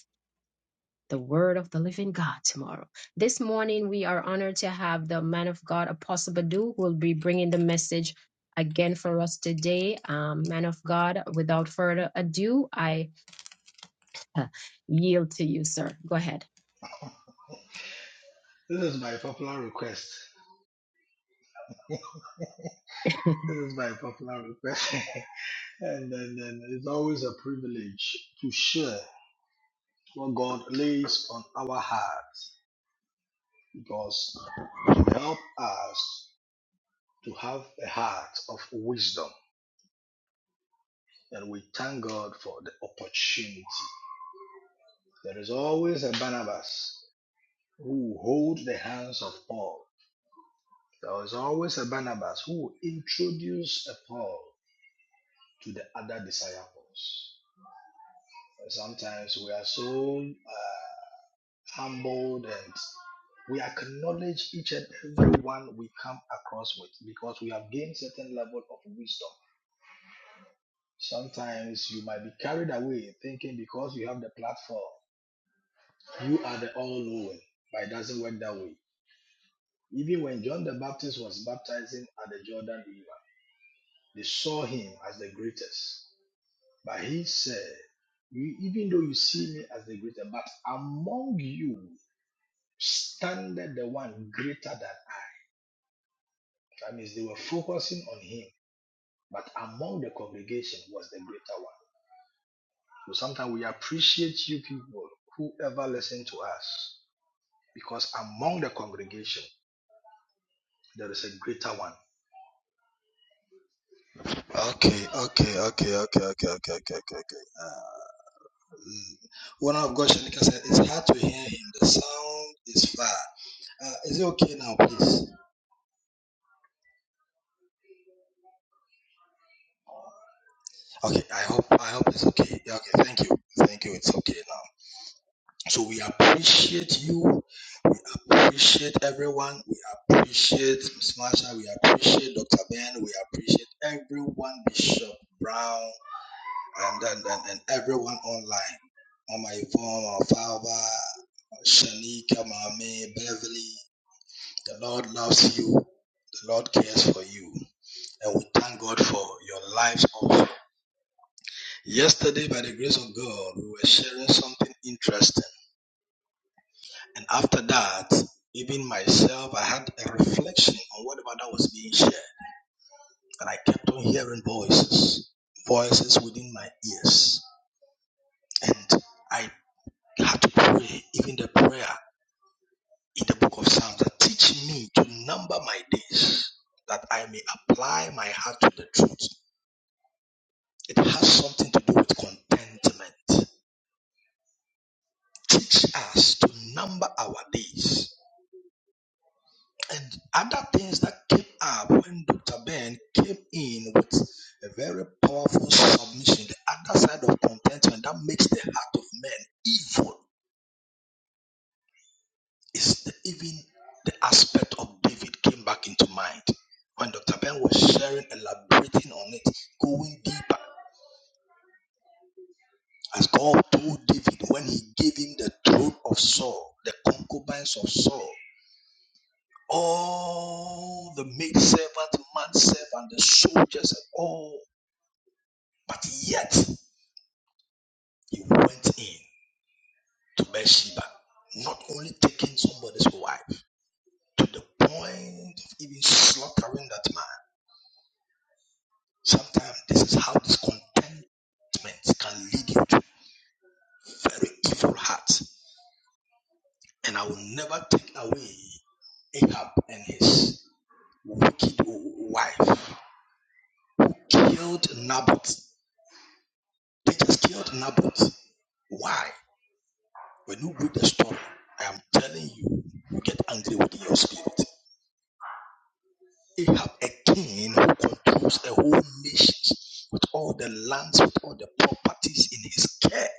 Speaker 1: the word of the living God tomorrow. This morning, we are honored to have the man of God, Apostle Badu, who will be bringing the message again for us today. Um, man of God, without further ado, I uh, yield to you, sir. Go ahead.
Speaker 4: This is by popular request. This is by popular request. and then, then it's always a privilege to share what God lays on our heart because to help us to have a heart of wisdom. And we thank God for the opportunity. There is always a Barnabas who holds the hands of Paul. There is always a Barnabas who introduces a Paul to the other disciples. Sometimes we are so uh, humbled and we acknowledge each and everyone we come across with because we have gained certain level of wisdom. Sometimes you might be carried away thinking because you have the platform, you are the all knowing, but it doesn't work that way. Even when John the Baptist was baptizing at the Jordan River, they saw him as the greatest. But he said, you, even though you see me as the greatest, but among you standeth the one greater than I. That means they were focusing on him, but among the congregation was the greater one. So sometimes we appreciate you people, whoever listen to us, because among the congregation there is a greater one. Okay, okay, okay, okay, okay, okay, okay, okay. okay. Uh, mm. one of God Shanika said, It's hard to hear him. The sound is far. Uh, is it okay now, please? Okay, I hope I hope it's okay. Yeah, Okay, thank you. Thank you. It's okay now. So we appreciate you. We appreciate everyone. We appreciate Miss Marsha. We appreciate Dr. Ben. We appreciate everyone, Bishop Brown, and, and, and, and everyone online. On my phone, on Falva, Shanika, Mame, Beverly. The Lord loves you. The Lord cares for you. And we thank God for your lives also. Yesterday, by the grace of God, we were sharing something interesting And after that, even myself, I had a reflection on whatever that was being shared. And I kept on hearing voices, voices within my ears. And I had to pray, even the prayer in the book of Psalms, that teach me to number my days, that I may apply my heart to the truth. It has something to do with contentment. Teach us to number our days and other things that came up when Dr. Ben came in with a very powerful submission, the other side of contentment that makes the heart of man evil is the, even the aspect of David came back into mind. When Dr. Ben was sharing, elaborating on it, going deeper, as God told David when he gave him the throne of Saul, the concubines of Saul, all the maidservant, manservant, the soldiers, and all But yet he went in to Bathsheba, not only taking somebody's wife, to the point of even slaughtering that man. Sometimes this is how discontentment can lead you to very evil hearts. And I will never take away Ahab and his wicked wife. Killed Naboth. They just killed Naboth. Why? When you read the story, I am telling you, you get angry within your spirit. Ahab, a king who controls a whole nation with all the lands, with all the properties in his care,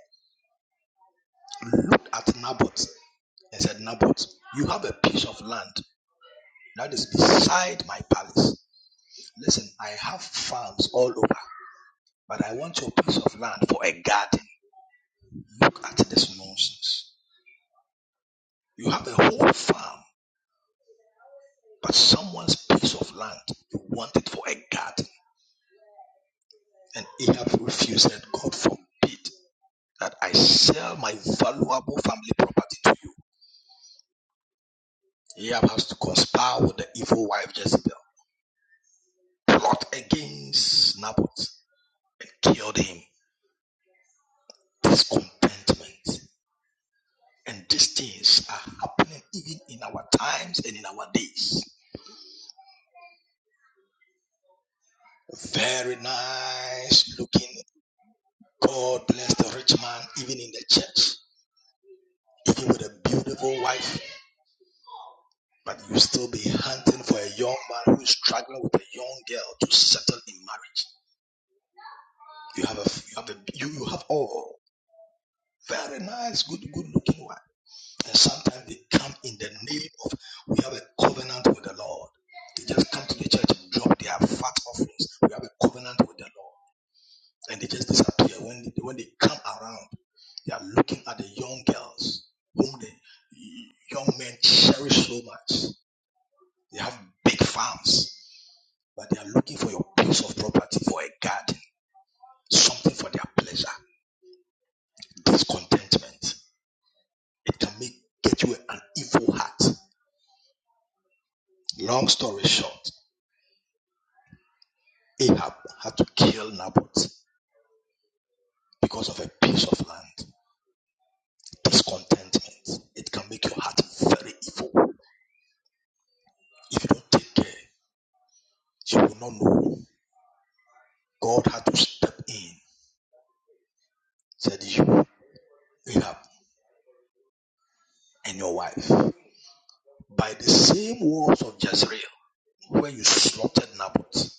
Speaker 4: looked at Naboth and said, Naboth, you have a piece of land that is beside my palace. Listen, I have farms all over, but I want your piece of land for a garden. Look at this nonsense. You have a whole farm, but someone's piece of land, you want it for a garden. And Ahab refused, said, God forbid. that I sell my valuable family property to you. Ahab has to conspire with the evil wife Jezebel, plot against Naboth, and killed him. Discontentment and these things are happening even in our times and in our days. Very nice looking. God bless the rich man, even in the church, even with a beautiful wife. But you still be hunting for a young man who is struggling with a young girl to settle in marriage You have a, you have a, you, you have all very nice, good, good looking one. And sometimes they come in the name of we have a covenant with the Lord. They just come to the church and drop their fat offerings. We have a covenant with the Lord, and they just disappear when they, when they come around. They are looking at the young girls whom the young men cherish so much. They have big farms, but they are looking for your piece of property, for a garden, something for their pleasure, discontentment. It can make get you an evil heart. Long story short, Ahab had to kill Naboth because of a piece of land. Discontentment. It can make your heart very evil. If you don't take care, you will not know. God had to step in, said you, Ahab, and your wife. By the same walls of Jezreel, where you slaughtered Naboth,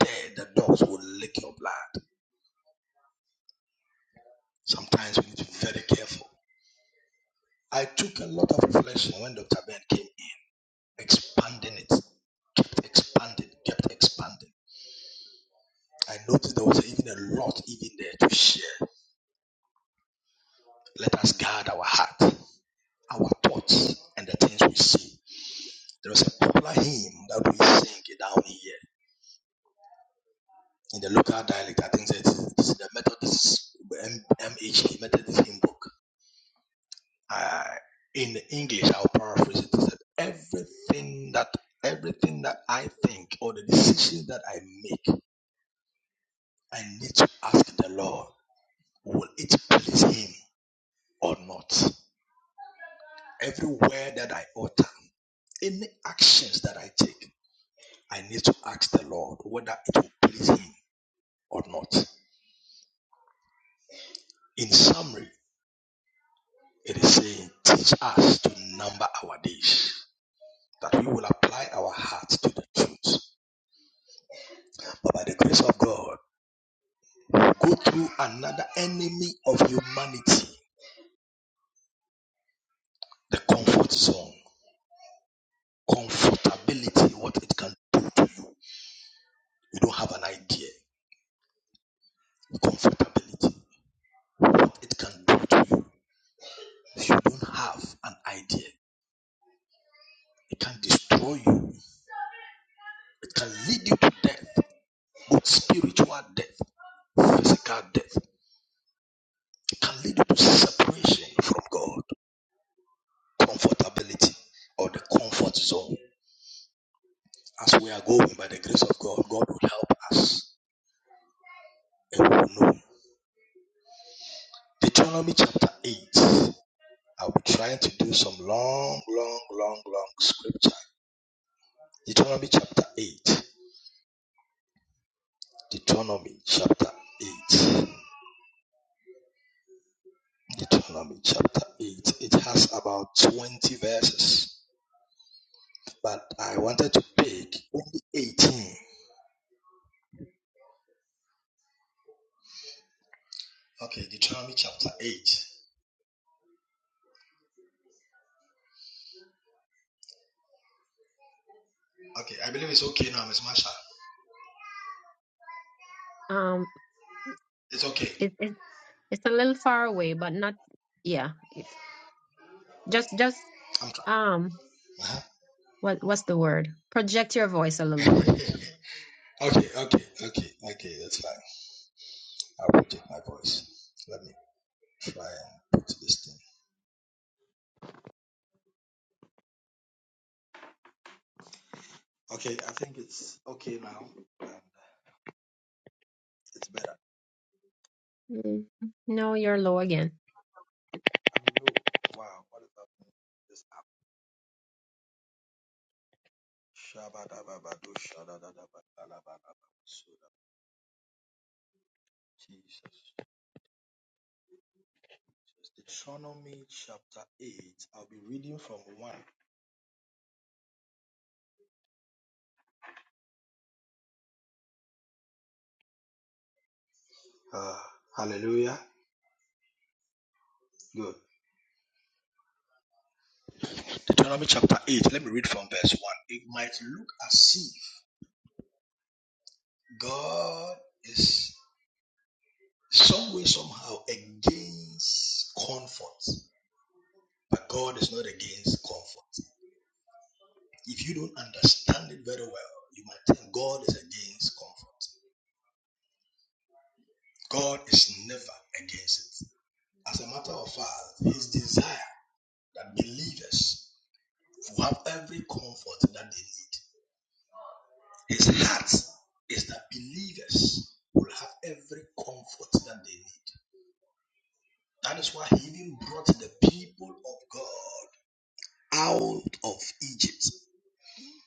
Speaker 4: there the dogs will lick your blood. Sometimes we need to be very careful. I took a lot of reflection when Dr. Ben came in. expanding it, expanding, kept expanding. I noticed there was even a lot even there to share. Let us guard our heart, our thoughts, and the things we see. There was a popular hymn that we sing down here in the local dialect. I think it's, it's the Methodist M- H K Methodist hymn book. Uh, in English, I'll paraphrase it. It said, "Everything that everything that I think or the decisions that I make, I need to ask the Lord." Will it please Him or not? Every word that I utter, any actions that I take, I need to ask the Lord whether it will please Him or not. In summary, it is saying, teach us to number our days, that we will apply our hearts to the truth. But by the grace of God, we go through another enemy of humanity, the comfort zone, comfortability, what it can do to you. You don't have an idea. Comfortability. what it can do to you. You don't have an idea. It can destroy you. It can lead you to death, both spiritual death, physical death. It can lead you to separation from God, comfortability, or the comfort zone. As we are going by the grace of God, God will help us and we will know. Deuteronomy chapter 8. I'll be trying to do some long, long, long, long scripture. Deuteronomy chapter 8. Deuteronomy chapter 8. Deuteronomy chapter 8. It has about 20 verses, but I wanted to pick only 18. Okay, Deuteronomy chapter 8. Okay, I believe it's okay now, Miss Marsha.
Speaker 1: um,
Speaker 4: It's okay.
Speaker 1: it, it, it's a little far away, but not, yeah. If. Just just
Speaker 4: I'm trying.
Speaker 1: um
Speaker 4: Uh-huh.
Speaker 1: what what's the word? Project your voice a little more.
Speaker 4: okay, okay, okay, okay, that's fine. I'll project my voice. Let me try and put this thing. Okay, I think it's okay now. And it's better. I
Speaker 1: Mm. No, you're low again.
Speaker 4: mean, oh, wow, what is happening? This app. Shabadababado, shadadadabadalabadaba. Jesus, Jesus. Deuteronomy chapter 8. I'll be reading from 1. Uh, hallelujah. Good. Deuteronomy chapter 8. Let me read from verse 1. It might look as if God is some way, somehow against comfort, but God is not against comfort. If you don't understand it very well, you might think God is against comfort. God is never against it. As a matter of fact, his desire that believers who have every comfort that they need. His heart is that believers will have every comfort that they need. That is why he even brought the people of God out of Egypt.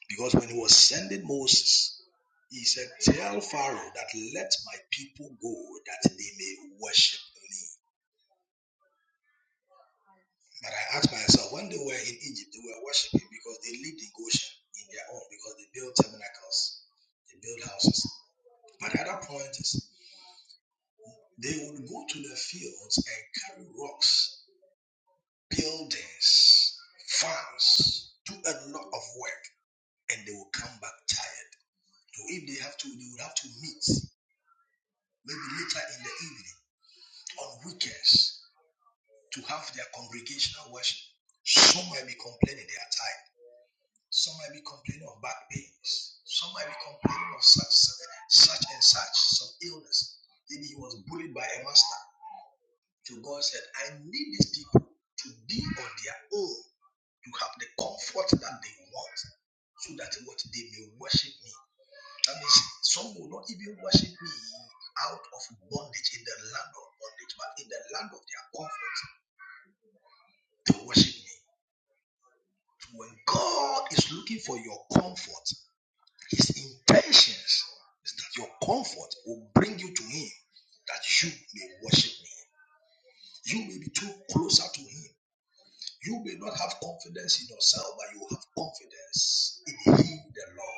Speaker 4: Because when he was sending Moses, he said, Tell Pharaoh that let my people go that they may worship me. But I asked myself, when they were in Egypt, they were worshiping because they lived in Goshen in their own, because they built tabernacles, they built houses. But other point is they would go to the fields and carry rocks, buildings, farms, do a lot of work, and they will come back tired. So if they have to, they would have to meet maybe later in the evening on weekends to have their congregational worship. Some might be complaining they are tired. Some might be complaining of back pains. Some might be complaining of such such and such some illness. Maybe he was bullied by a master. So God said, I need these people to be on their own to have the comfort that they want so that what they may worship me. That means some will not even worship me out of bondage in the land of bondage, but in the land of their comfort to worship me. So When God is looking for your comfort, his intentions is that your comfort will bring you to him that you may worship me. You may be too closer to him You may not have confidence in yourself, but you have confidence in Him, the Lord.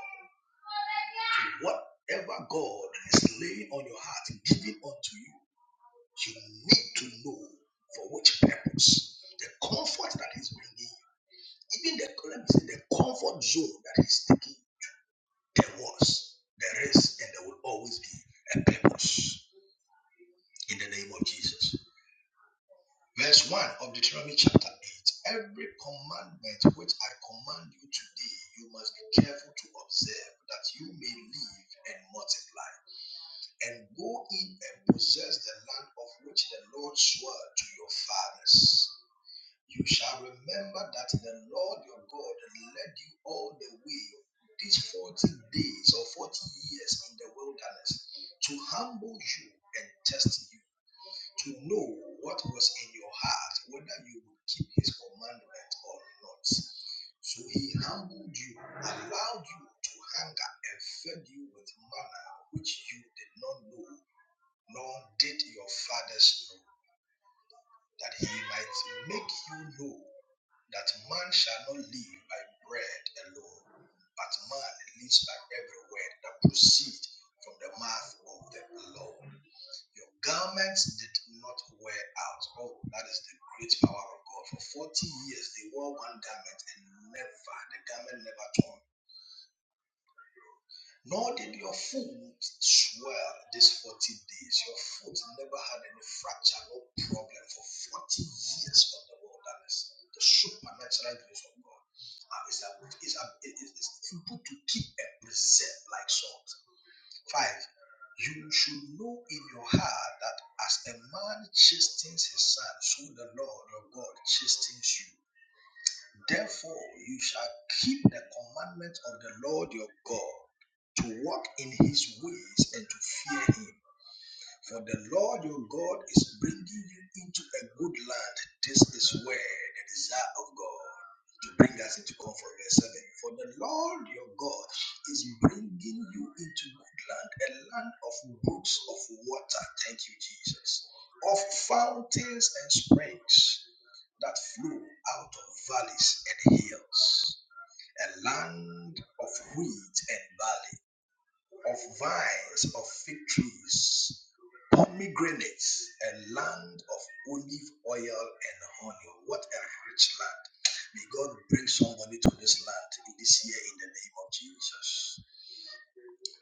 Speaker 4: So whatever God is laying on your heart and giving unto you, you need to know for which purpose. The comfort that He's bringing you, even the let me say, the comfort zone that He's taking, there was, there is, and there will always be a purpose. In the name of Jesus. Verse 1 of Deuteronomy chapter 8 Every commandment which I command you today, you must be careful to observe that you may live and multiply, and go in and possess the land of which the Lord swore to your fathers. You shall remember that the Lord your God led you all the way these 40 days or 40 years in the wilderness to humble you and test you to know what was in your heart, whether you would keep his commandment or not. So he humbled you, allowed you to hunger, and fed you with manna which you did not know, nor did your fathers know, that he might make you know that man shall not live by bread alone, but man lives by every word that proceeds from the mouth of the Lord. Your garments did not wear out. Oh, that is the great power of God. For 40 years they wore one garment and never, the garment never torn. Nor did your foot swell these 40 days. Your foot never had any fracture, no problem for 40 years on the wilderness. The supernatural grace of God uh, is, a, it is a, is, is simple to keep and preserve like salt. 5. You should know in your heart that as a man chastens his son, so the Lord your God chastens you. Therefore, you shall keep the commandments of the Lord your God to walk in his ways and to fear him. For the Lord your God is bringing you into a good land. This is where the desire of God to bring us into comfort. Verse 7. For the Lord your God is bringing you into good land, a land of brooks of water. Thank you, Jesus. Of fountains and springs that flow out of valleys and hills, a land of wheat and barley of vines, of fig trees, pomegranates, a land of olive oil and honey. What a rich land. May God bring somebody to this land in this year in the name of Jesus.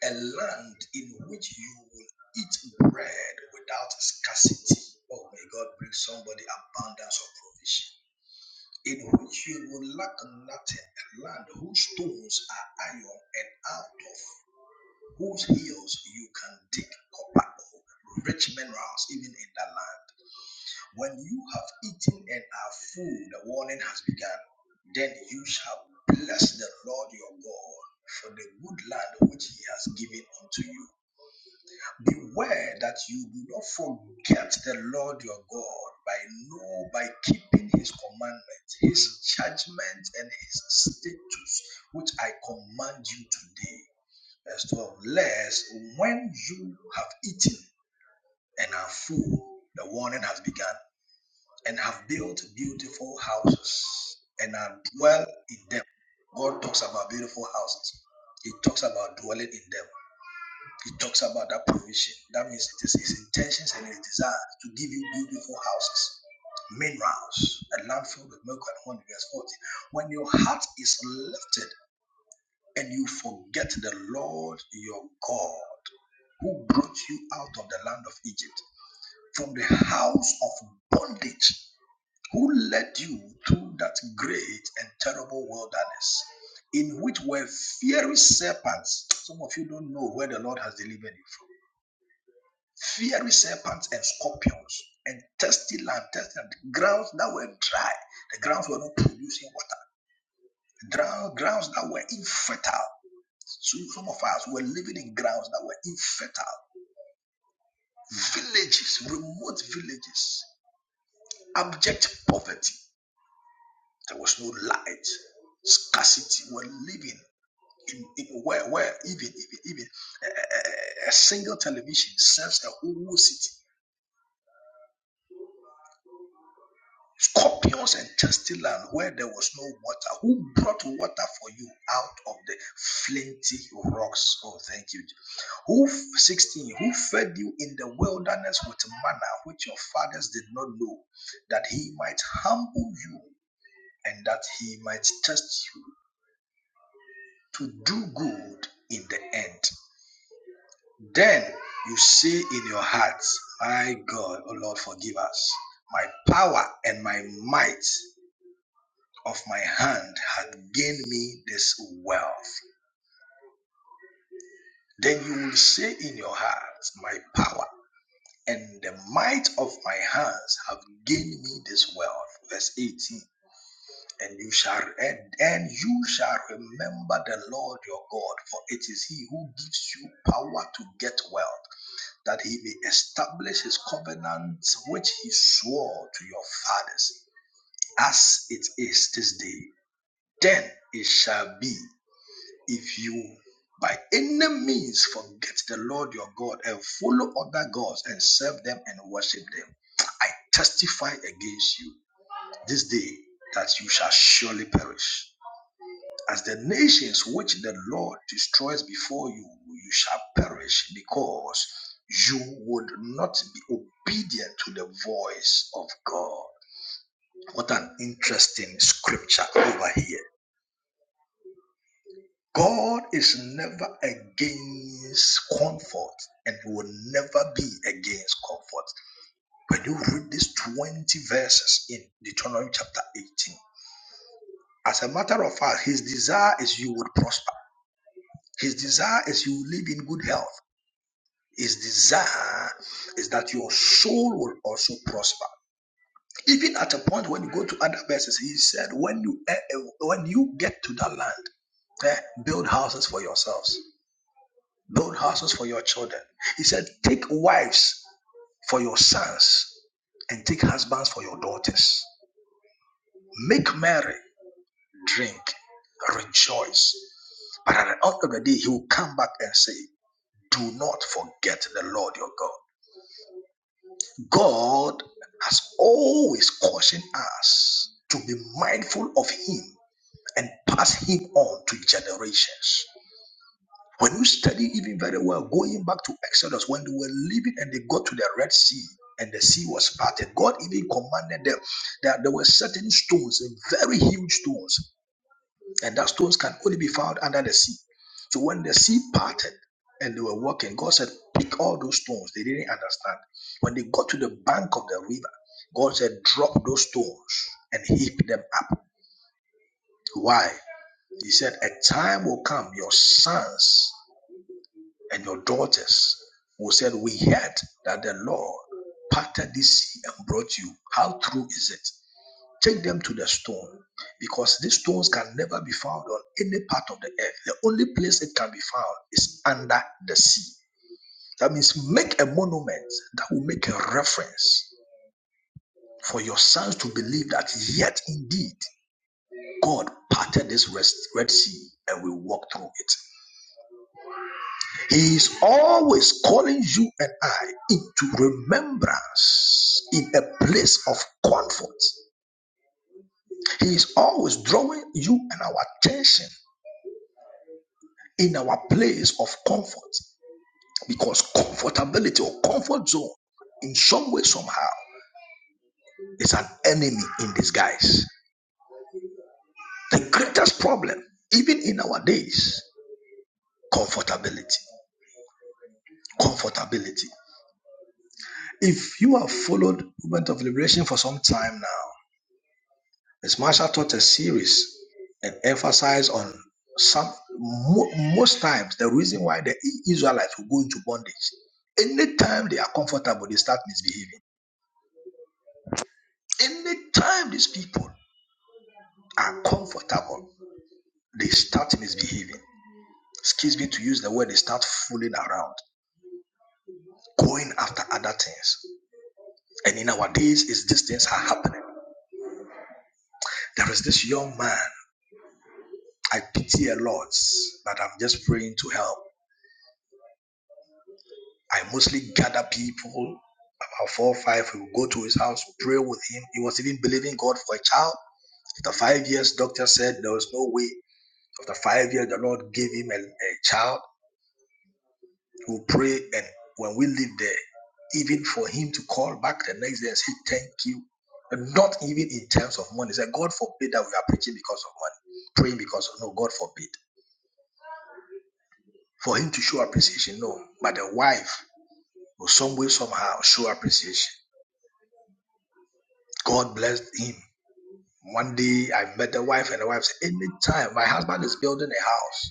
Speaker 4: A land in which you will eat bread without scarcity. Oh, may God bring somebody abundance of provision. In which you will lack nothing, a land whose stones are iron and out of whose hills you can dig copper or rich minerals even in that land. When you have eaten and are full, the warning has begun. Then you shall bless the Lord your God for the good land which he has given unto you. Beware that you do not forget the Lord your God by no by keeping his commandments, his judgments, and his statutes, which I command you today Verse 12. Lest when you have eaten and are full, the warning has begun, and have built beautiful houses and are dwell in them. God talks about beautiful houses. He talks about dwelling in them. He talks about that provision. That means it is his intentions and his desire to give you beautiful houses, minerals, a land filled with milk and honey. Verse 40. When your heart is lifted and you forget the Lord your God who brought you out of the land of Egypt, from the house of bondage, who led you through that great and terrible wilderness, in which were fiery serpents. Some of you don't know where the Lord has delivered you from. Fiery serpents and scorpions, and thirsty land, thirsty land, grounds that were dry, the grounds were not producing water, grounds that were infertile. So some of us were living in grounds that were infertile. Villages, remote villages, abject poverty. There was no light, scarcity. We're living in, in where, where even even, even a, a single television serves a whole city. Scorpions and thirsty land where there was no water. Who brought water for you out of the flinty rocks? Oh, thank you. Who 16? Who fed you in the wilderness with manna which your fathers did not know, that he might humble you and that he might test you to do good in the end. Then you say in your hearts, My God, O Lord, forgive us. My power and my might of my hand had gained me this wealth. Then you will say in your hearts, My power and the might of my hands have gained me this wealth. Verse 18. and you shall and, and you shall remember the Lord your God, for it is He who gives you power to get wealth, that He may establish His covenant which He swore to your fathers, as it is this day. Then it shall be if you by any means forget the Lord your God and follow other gods and serve them and worship them. I testify against you this day that you shall surely perish. As the nations which the Lord destroys before you, you shall perish because you would not be obedient to the voice of God. What an interesting scripture over here. God is never against comfort and he will never be against comfort. When you read these 20 verses in Deuteronomy chapter 18, as a matter of fact, his desire is you would prosper. His desire is you will live in good health. His desire is that your soul will also prosper. Even at a point when you go to other verses, he said, when you eh, eh, when you get to that land, eh, build houses for yourselves, build houses for your children. He said, take wives for your sons and take husbands for your daughters. Make merry, drink, rejoice. But at the end of the day, he will come back and say, Do not forget the Lord your God. God has always cautioned us to be mindful of Him and pass Him on to generations. When you study even very well, going back to Exodus, when they were leaving and they got to the Red Sea and the sea was parted, God even commanded them that there were certain stones, and very huge stones. And that stones can only be found under the sea. So when the sea parted and they were walking, God said, Pick all those stones. They didn't understand. When they got to the bank of the river, God said, Drop those stones and heap them up. Why? He said, A time will come, your sons and your daughters will said, We heard that the Lord parted this sea and brought you. How true is it? Take them to the stone because these stones can never be found on any part of the earth. The only place it can be found is under the sea. That means make a monument that will make a reference for your sons to believe that yet indeed God parted this Red Sea and we walk through it. He is always calling you and I into remembrance in a place of comfort. He is always drawing you and our attention in our place of comfort because comfortability or comfort zone in some way somehow is an enemy in disguise the greatest problem even in our days comfortability comfortability if you have followed movement of liberation for some time now miss marshall taught a series and emphasized on some mo- most times the reason why the israelites will go into bondage anytime they are comfortable they start misbehaving Anytime these people are comfortable, they start misbehaving. Excuse me to use the word, they start fooling around, going after other things. And in our days, is these things are happening. There is this young man, I pity a lot, but I'm just praying to help. I mostly gather people, about four or five, we will go to his house, pray with him. He was even believing God for a child. After five years, doctor said there was no way. After five years, the Lord gave him a a child We will pray, and when we leave there, even for him to call back the next day and say, Thank you. And not even in terms of money. He said, God forbid that we are preaching because of money, praying because of no, God forbid. For him to show appreciation, no. But the wife will some way, somehow show appreciation. God blessed him. One day I met the wife, and the wife said, Anytime my husband is building a house,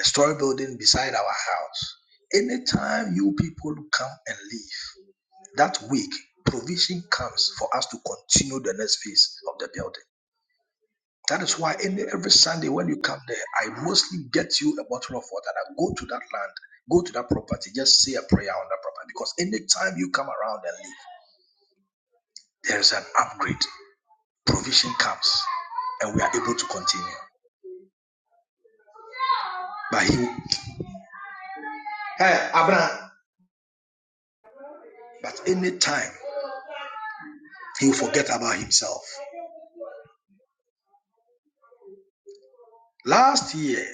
Speaker 4: a story building beside our house, anytime you people come and leave. that week, provision comes for us to continue the next phase of the building. That is why any, every Sunday when you come there, I mostly get you a bottle of water and I go to that land, go to that property, just say a prayer on that property. Because anytime you come around and leave, there is an upgrade. Provision comes and we are able to continue. But he, hey, Abraham, but anytime he will forget about himself. Last year,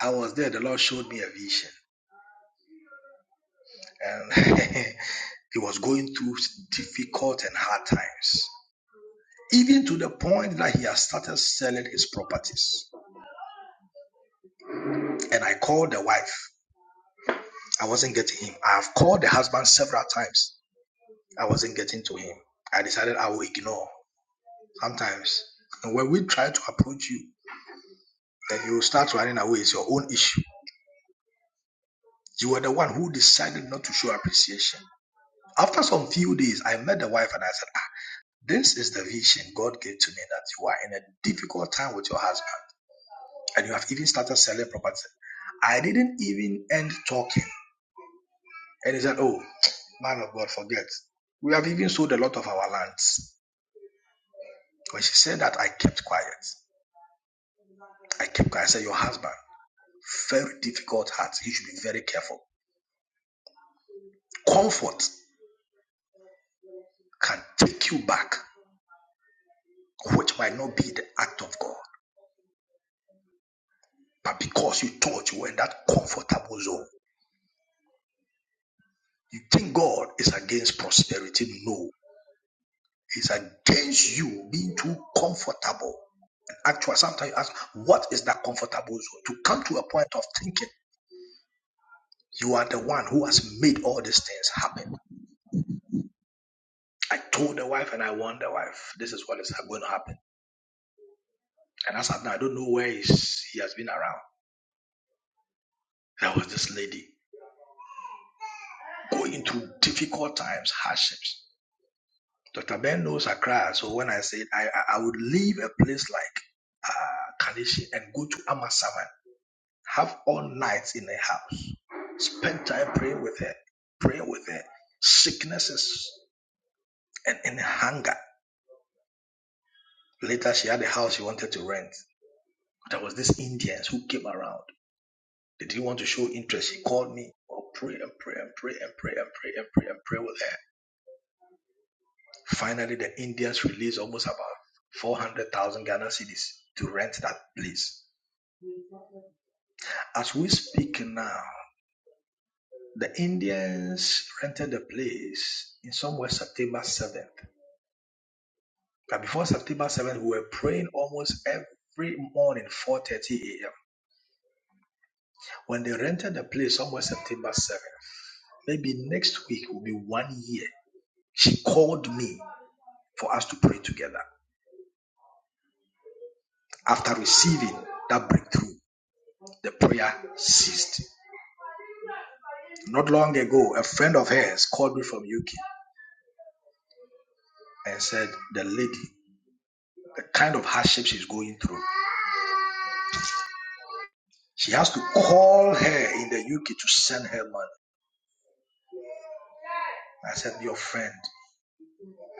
Speaker 4: I was there, the Lord showed me a vision. and he was going through difficult and hard times, even to the point that he has started selling his properties. And I called the wife. I wasn't getting him. I have called the husband several times. I wasn't getting to him. I decided I will ignore. Sometimes and when we try to approach you, then you start running away. It's your own issue. You were the one who decided not to show appreciation. After some few days, I met the wife and I said, This is the vision God gave to me that you are in a difficult time with your husband and you have even started selling property. I didn't even end talking. And he said, Oh, man of God, forget. We have even sold a lot of our lands. When she said that, I kept quiet. I kept quiet. I said, Your husband, very difficult heart. You should be very careful. Comfort can take you back, which might not be the act of God. But because you thought you were in that comfortable zone, you think God is against prosperity. No. is against you being too comfortable. And Actually, sometimes you ask, what is that comfortable zone? To come to a point of thinking, you are the one who has made all these things happen. I told the wife and I warned the wife, this is what is going to happen. And as of now, I don't know where he's, he has been around. There was this lady going through difficult times, hardships. Dr. Ben knows Accra, so when I said I, I I would leave a place like uh, Kanishi and go to Amasama Have all nights in the house. Spend time praying with her, praying with her. Sicknesses and, and hunger. Later, she had a house she wanted to rent. There was this Indians who came around. They didn't want to show interest. She called me. Oh, pray and pray and pray and pray and pray and pray and pray with her. Finally, the Indians released almost about 400,000 Ghana cedis to rent that place. As we speak now, the Indians rented the place in somewhere September 7th. But before September 7th, we were praying almost every morning, 4.30 a.m. When they rented the place somewhere September 7th, maybe next week will be one year, she called me for us to pray together. After receiving that breakthrough, the prayer ceased. Not long ago, a friend of hers called me from UK and said, the lady, the kind of hardship she's going through, she has to call her in the UK to send her money. I said, your friend,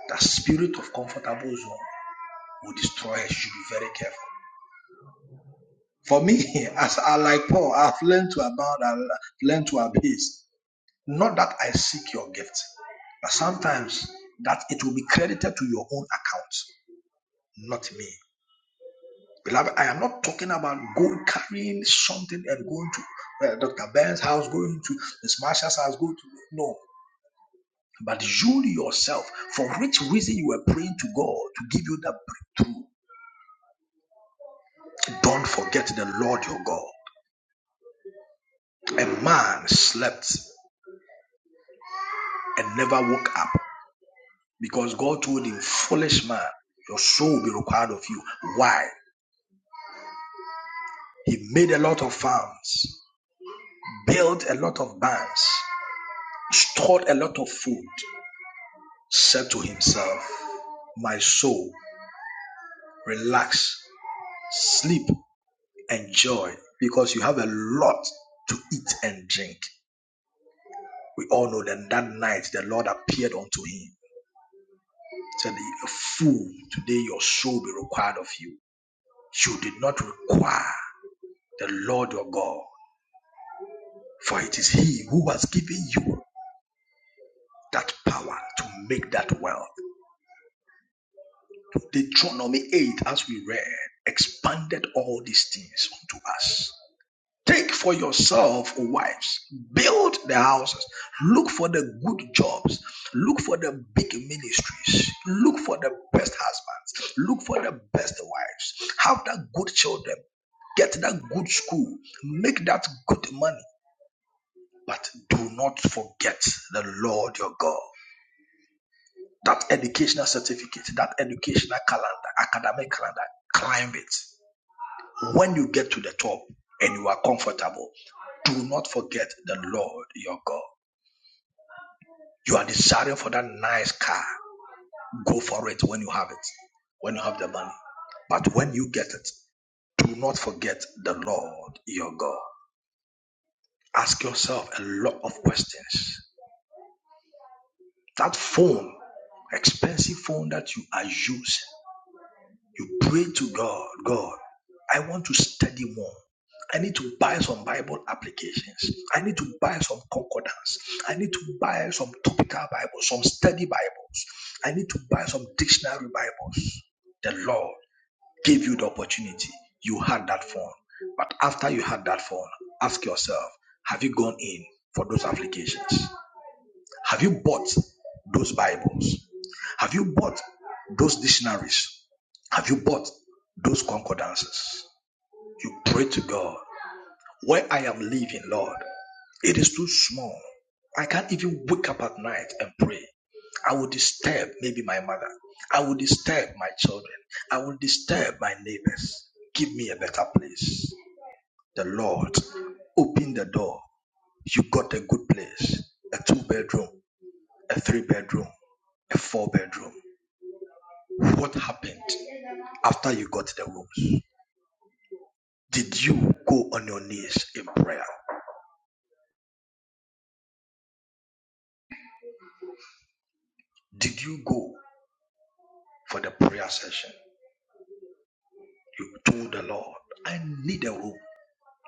Speaker 4: that spirit of comfortable zone. will destroy her. She should be very careful. For me, as I like Paul, I've learned to abound, I've learned to abase. Not that I seek your gift, but sometimes that it will be credited to your own account, not me. Beloved, I am not talking about going carrying something and going to uh, Dr. Ben's house, going to Miss Marsha's house, going to no. But you yourself, for which reason you were praying to God to give you that breakthrough. Don't forget the Lord your God. A man slept. and never woke up because God told him, Foolish man, your soul will be required of you. Why? He made a lot of farms, built a lot of barns, stored a lot of food, said to himself, My soul, relax, sleep, enjoy, because you have a lot to eat and drink. We all know that that night the Lord appeared unto him, said, Fool, today your soul will be required of you. You did not require the Lord your God. For it is He who has given you that power to make that wealth. Deuteronomy 8, as we read, expanded all these things unto us. Take for yourself wives, build the houses, look for the good jobs, look for the big ministries, look for the best husbands, look for the best wives, have that good children, get that good school, make that good money, but do not forget the Lord your God. That educational certificate, that educational calendar, academic calendar, climb it. When you get to the top and you are comfortable, do not forget the Lord your God. You are desiring for that nice car. Go for it when you have it, when you have the money. But when you get it, do not forget the Lord your God. Ask yourself a lot of questions. That phone, expensive phone that you are using. You pray to God, God, I want to study more. I need to buy some Bible applications. I need to buy some concordance. I need to buy some topical Bibles, some study Bibles. I need to buy some dictionary Bibles. The Lord gave you the opportunity. You had that phone. But after you had that phone, ask yourself have you gone in for those applications? Have you bought those Bibles? Have you bought those dictionaries? Have you bought those concordances? You pray to God. Where I am living, Lord, it is too small. I can't even wake up at night and pray. I will disturb maybe my mother. I will disturb my children. I will disturb my neighbors. Give me a better place. The Lord opened the door. You got a good place. A two bedroom, a three bedroom, a four bedroom. What happened after you got the rooms? Did you go on your knees in prayer? Did you go for the prayer session? You told the Lord, I need a room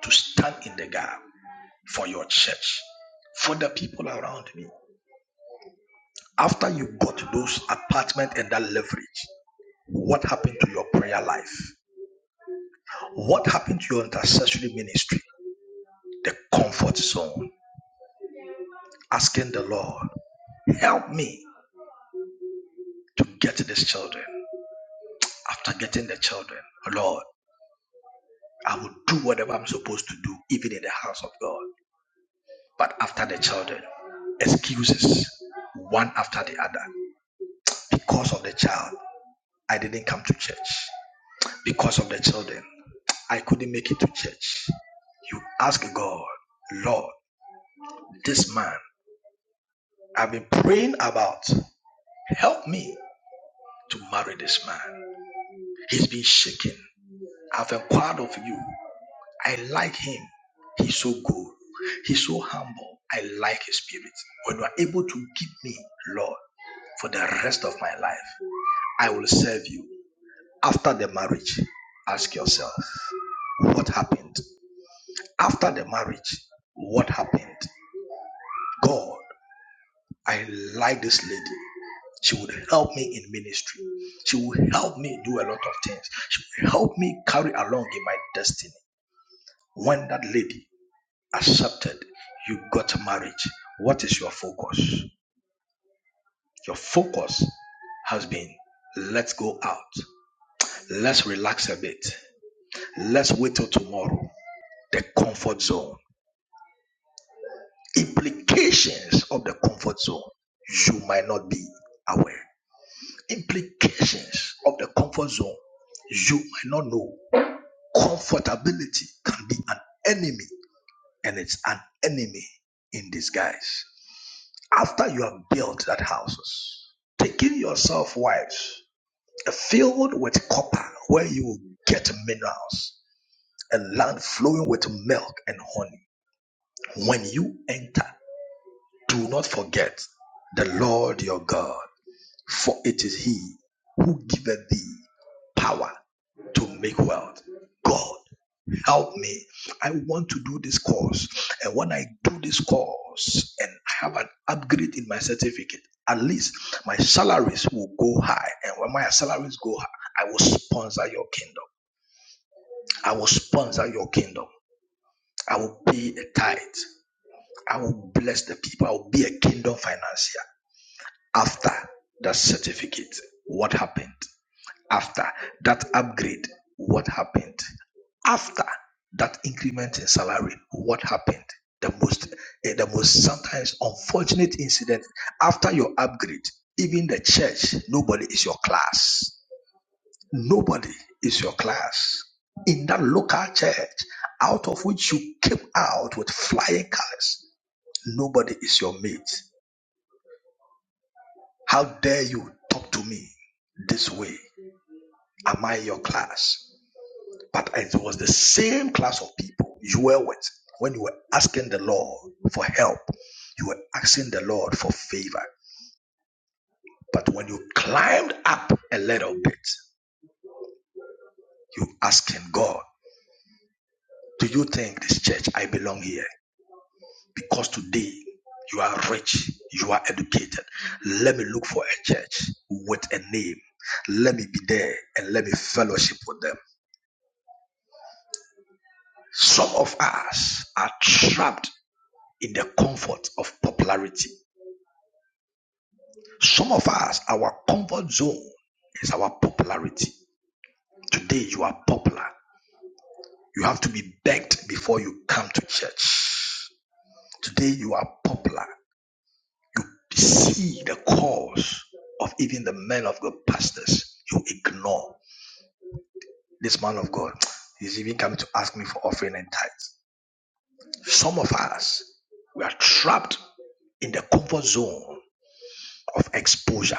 Speaker 4: to stand in the gap for your church, for the people around me. After you got those apartment and that leverage, what happened to your prayer life? What happened to your intercessory ministry? The comfort zone. Asking the Lord, help me to get these children. After getting the children, Lord, I will do whatever I'm supposed to do, even in the house of God. But after the children, excuses, one after the other. Because of the child, I didn't come to church. Because of the children, I couldn't make it to church. You ask God, Lord, this man I've been praying about, help me to marry this man. He's been shaken. I've inquired of you. I like him. He's so good. He's so humble. I like his spirit. When you are able to give me, Lord, for the rest of my life, I will serve you. After the marriage, ask yourself, what happened? After the marriage, what happened? God, I like this lady. She would help me in ministry. She would help me do a lot of things. She would help me carry along in my destiny. When that lady accepted, you got married. What is your focus? Your focus has been let's go out, let's relax a bit, let's wait till tomorrow. The comfort zone, implications of the comfort zone, you might not be aware. Implications of the comfort zone, you might not know. Comfortability can be an enemy, and it's an enemy in disguise. After you have built that houses, taking yourself wives, a field with copper where you will get minerals, a land flowing with milk and honey. When you enter, do not forget the Lord your God, for it is He who giveth thee power to make wealth. God help me. I want to do this course. And when I do this course and I have an upgrade in my certificate, at least my salaries will go high. And when my salaries go high, I will sponsor your kingdom. I will sponsor your kingdom. I will be a tithe. I will bless the people. I will be a kingdom financier after that certificate. What happened? After that upgrade, what happened? After that increment in salary, what happened? The most, eh, the most sometimes unfortunate incident after your upgrade, even the church, nobody is your class. Nobody is your class. In that local church, out of which you came out with flying colors, nobody is your mate. How dare you talk to me this way? Am I your class? But it was the same class of people you were with when you were asking the Lord for help. You were asking the Lord for favor. But when you climbed up a little bit, you asking God, do you think this church I belong here? Because today you are rich, you are educated. Let me look for a church with a name. Let me be there and let me fellowship with them. Some of us are trapped in the comfort of popularity Some of us, our comfort zone is our popularity. Today you are popular. You have to be begged before you come to church. Today you are popular. You see the cause of even the men of God pastors. You ignore this man of God. He's even coming to ask me for offering and tithes. Some of us, we are trapped in the comfort zone of exposure,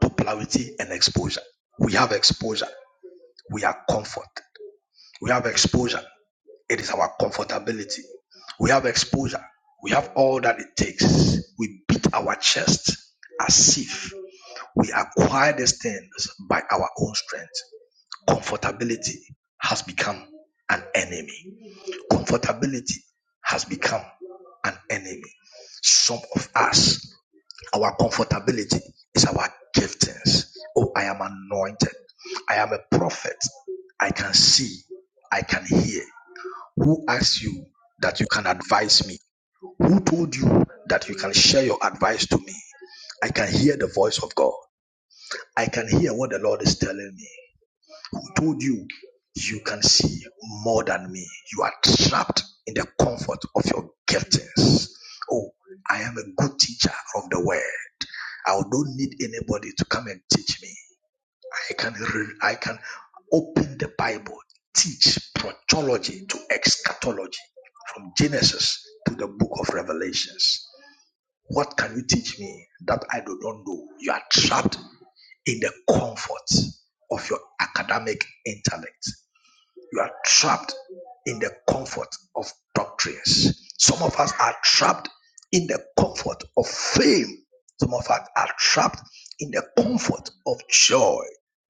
Speaker 4: popularity, and exposure. We have exposure. We are comfort. We have exposure. It is our comfortability. We have exposure. We have all that it takes. We beat our chest as if we acquire these things by our own strength. Comfortability has become an enemy. Comfortability has become an enemy. Some of us, our comfortability is our giftings. Oh, I am anointed. I am a prophet. I can see. I can hear. Who asked you that you can advise me? Who told you that you can share your advice to me? I can hear the voice of God. I can hear what the Lord is telling me. Who told you you can see more than me? You are trapped in the comfort of your giftings. Oh, I'm a teacher of the word. I don't need anybody to come and teach me. I can re- I can open the Bible, teach protology to eschatology, from Genesis to the book of Revelations. What can you teach me that I do not know? You are trapped in the comfort of your academic intellect. You are trapped in the comfort of doctrines. Some of us are trapped in the comfort of fame. Some of us are trapped in the comfort of joy,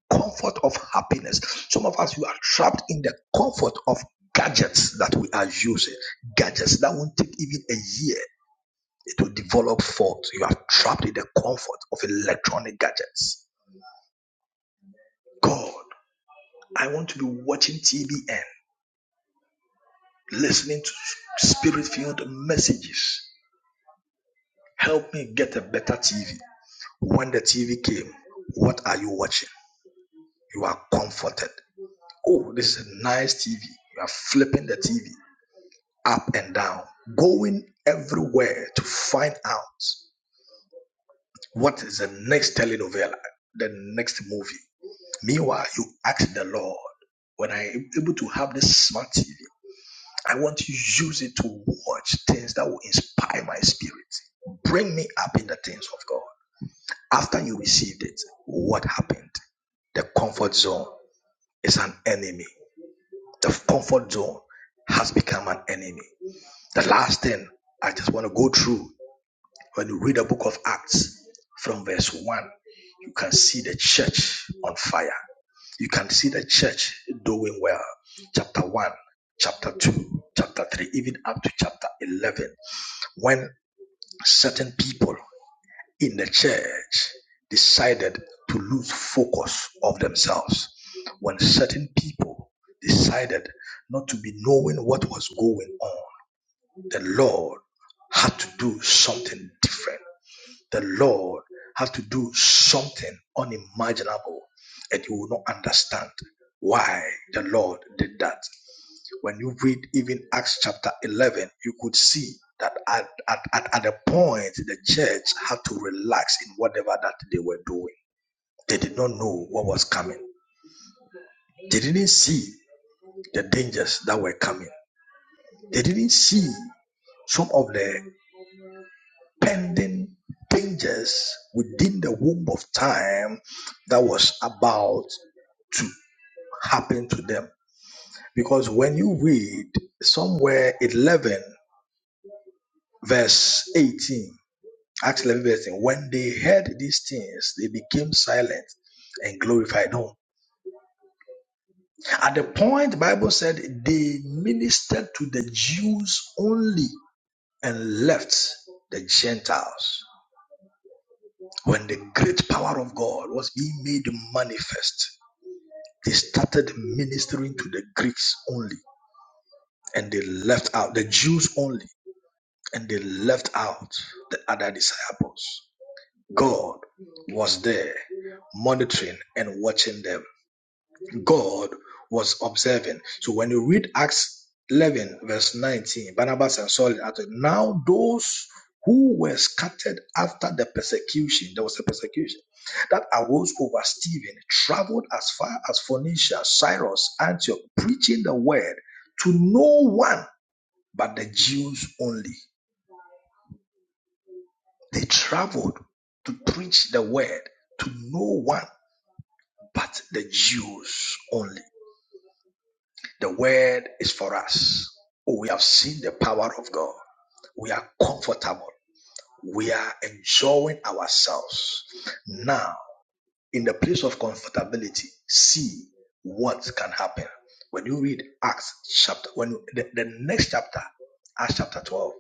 Speaker 4: comfort of happiness. Some of us, you are trapped in the comfort of gadgets that we are using, gadgets that won't take even a year it will develop forth. You are trapped in the comfort of electronic gadgets. God, I want to be watching TBN, listening to spirit filled messages. Help me get a better TV. When the TV came, what are you watching? You are comforted. Oh, this is a nice TV. You are flipping the TV up and down, going everywhere to find out what is the next telenovela, the next movie. Meanwhile, you ask the Lord, when I am able to have this smart TV, I want to use it to watch things that will inspire my spirit. Bring me up in the things of God. After you received it, what happened? The comfort zone is an enemy. The comfort zone has become an enemy. The last thing I just want to go through when you read the book of Acts from verse 1, you can see the church on fire. you can see the church doing well. Chapter 1, chapter 2, chapter 3, even up to chapter 11, when certain people in the church decided to lose focus of themselves, when certain people decided not to be knowing what was going on, the Lord had to do something different the Lord has to do something unimaginable and you will not understand why the Lord did that. When you read even Acts chapter 11, you could see that at, at, at, at a point the church had to relax in whatever that they were doing. They did not know what was coming. They didn't see the dangers that were coming. They didn't see some of the pending dangers within the womb of time that was about to happen to them. Because when you read somewhere 11, verse 18, Acts 11, verse 18, when they heard these things, they became silent and glorified him. At the point, the Bible said they ministered to the Jews only and left the Gentiles. When the great power of God was being made manifest, They started ministering to the Greeks only, and they left out the Jews only, and they left out the other disciples. God was there monitoring and watching them. God was observing. So when you read Acts 11, verse 19, Barnabas and Saul, are now those who were scattered after the persecution, there was a persecution that arose over Stephen, traveled as far as Phoenicia, Cyrus, Antioch, preaching the word to no one but the Jews only. They traveled to preach the word to no one but the Jews only. The word is for us. Oh, We have seen the power of God. We are comfortable. We are enjoying ourselves. Now, in the place of comfortability, see what can happen. When you read Acts chapter, when the, the next chapter, Acts chapter 12.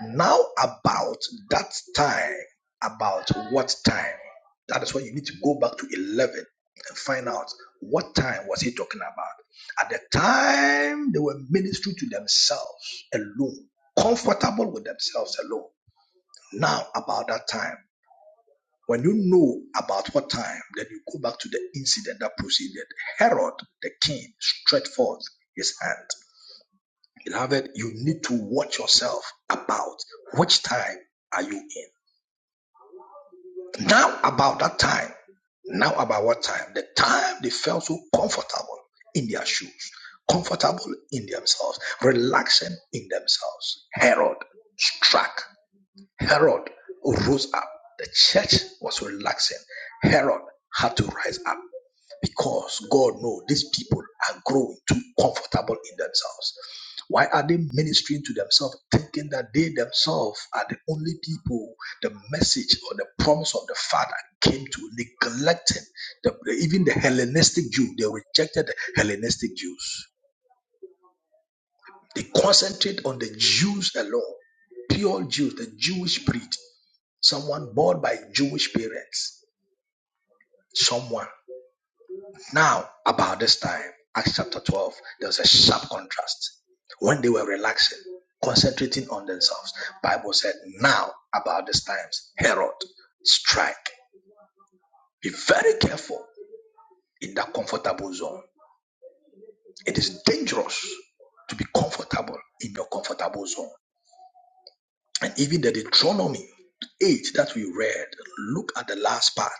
Speaker 4: Now, about that time, about what time? That is when you need to go back to 11 and find out what time was he talking about. At the time, they were ministering to themselves alone, comfortable with themselves alone. Now, about that time, when you know about what time, then you go back to the incident that proceeded. Herod, the king, stretched forth his hand. Beloved, you need to watch yourself about which time are you in? Now about that time, now about what time? The time they felt so comfortable in their shoes, comfortable in themselves, relaxing in themselves. Herod struck. Herod rose up. The church was relaxing. Herod had to rise up because God knows these people are growing too comfortable in themselves. Why are they ministering to themselves, thinking that they themselves are the only people the message or the promise of the Father came to, neglecting the, even the Hellenistic Jew? They rejected the Hellenistic Jews. They concentrate on the Jews alone, pure Jews, the Jewish breed, someone born by Jewish parents, someone. Now, about this time, Acts chapter 12, there was a sharp contrast. When they were relaxing, concentrating on themselves, Bible said, now, about this time, Herod, strike. Be very careful in that comfortable zone. It is dangerous to be comfortable in your comfortable zone. And even the Deuteronomy 8 that we read, look at the last part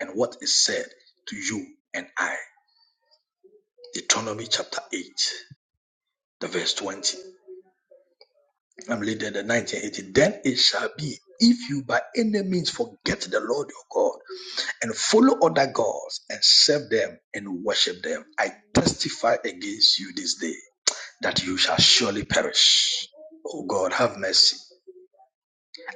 Speaker 4: and what is said to you and I. Deuteronomy chapter 8, the verse 20. I'm reading the 1980. Then it shall be if you by any means forget the Lord your God and follow other gods and serve them and worship them, I testify against you this day that you shall surely perish. O God, have mercy.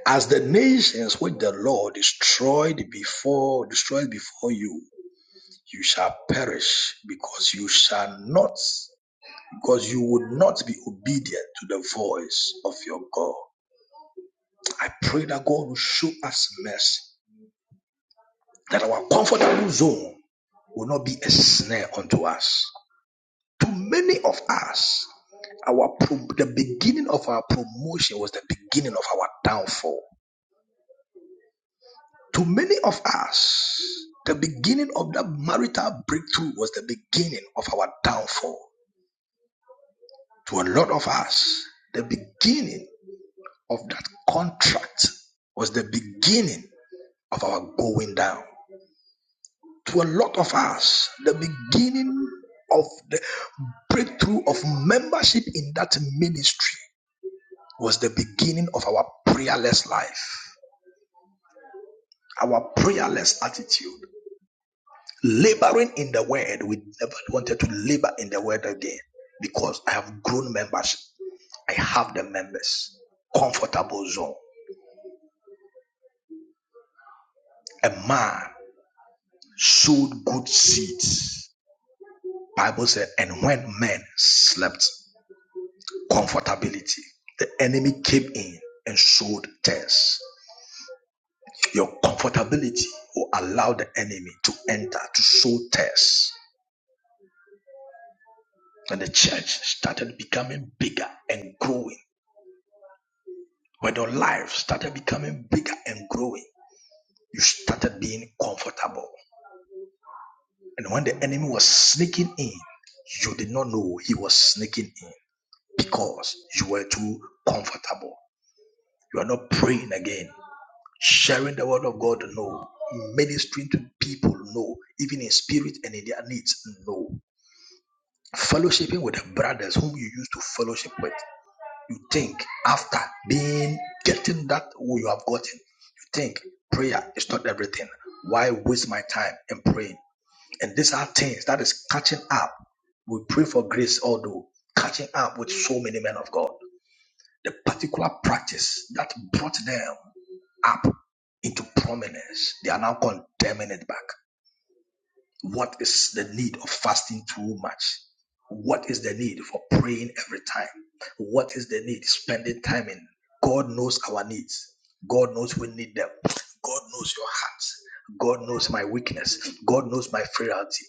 Speaker 4: As the nations which the Lord destroyed before destroyed before you, you shall perish because you shall not because you would not be obedient to the voice of your God. I pray that God will show us mercy, that our comfortable zone will not be a snare unto us. To many of us, our pro- the beginning of our promotion was the beginning of our downfall. To many of us, the beginning of that marital breakthrough was the beginning of our downfall. To a lot of us, the beginning of that contract was the beginning of our going down. to a lot of us the beginning of the breakthrough of membership in that ministry was the beginning of our prayerless life, our prayerless attitude. Laboring in the word, we never wanted to labor in the word again because I have grown membership. I have the members. Comfortable zone. A man sowed good seeds. Bible said, and when men slept, Comfortability. The enemy came in and sowed tears. Your comfortability will allow the enemy to enter to sow tears. When the church started becoming bigger and growing. When your life started becoming bigger and growing, you started being comfortable. And when the enemy was sneaking in, you did not know he was sneaking in because you were too comfortable. You are not praying again. sharing the word of God, no. Ministering to people, no. Even in spirit and in their needs, no. Fellowshipping with the brothers whom you used to fellowship with, you think after being getting that who you have gotten, you think prayer is not everything. Why waste my time in praying? And these are things that is catching up. We pray for grace, although catching up with so many men of God. The particular practice that brought them up into prominence. They are now condemning it back. What is the need of fasting too much? What is the need for praying every time? What is the need spending time in? God knows our needs. God knows we need them. God knows your hearts. God knows my weakness. God knows my frailty.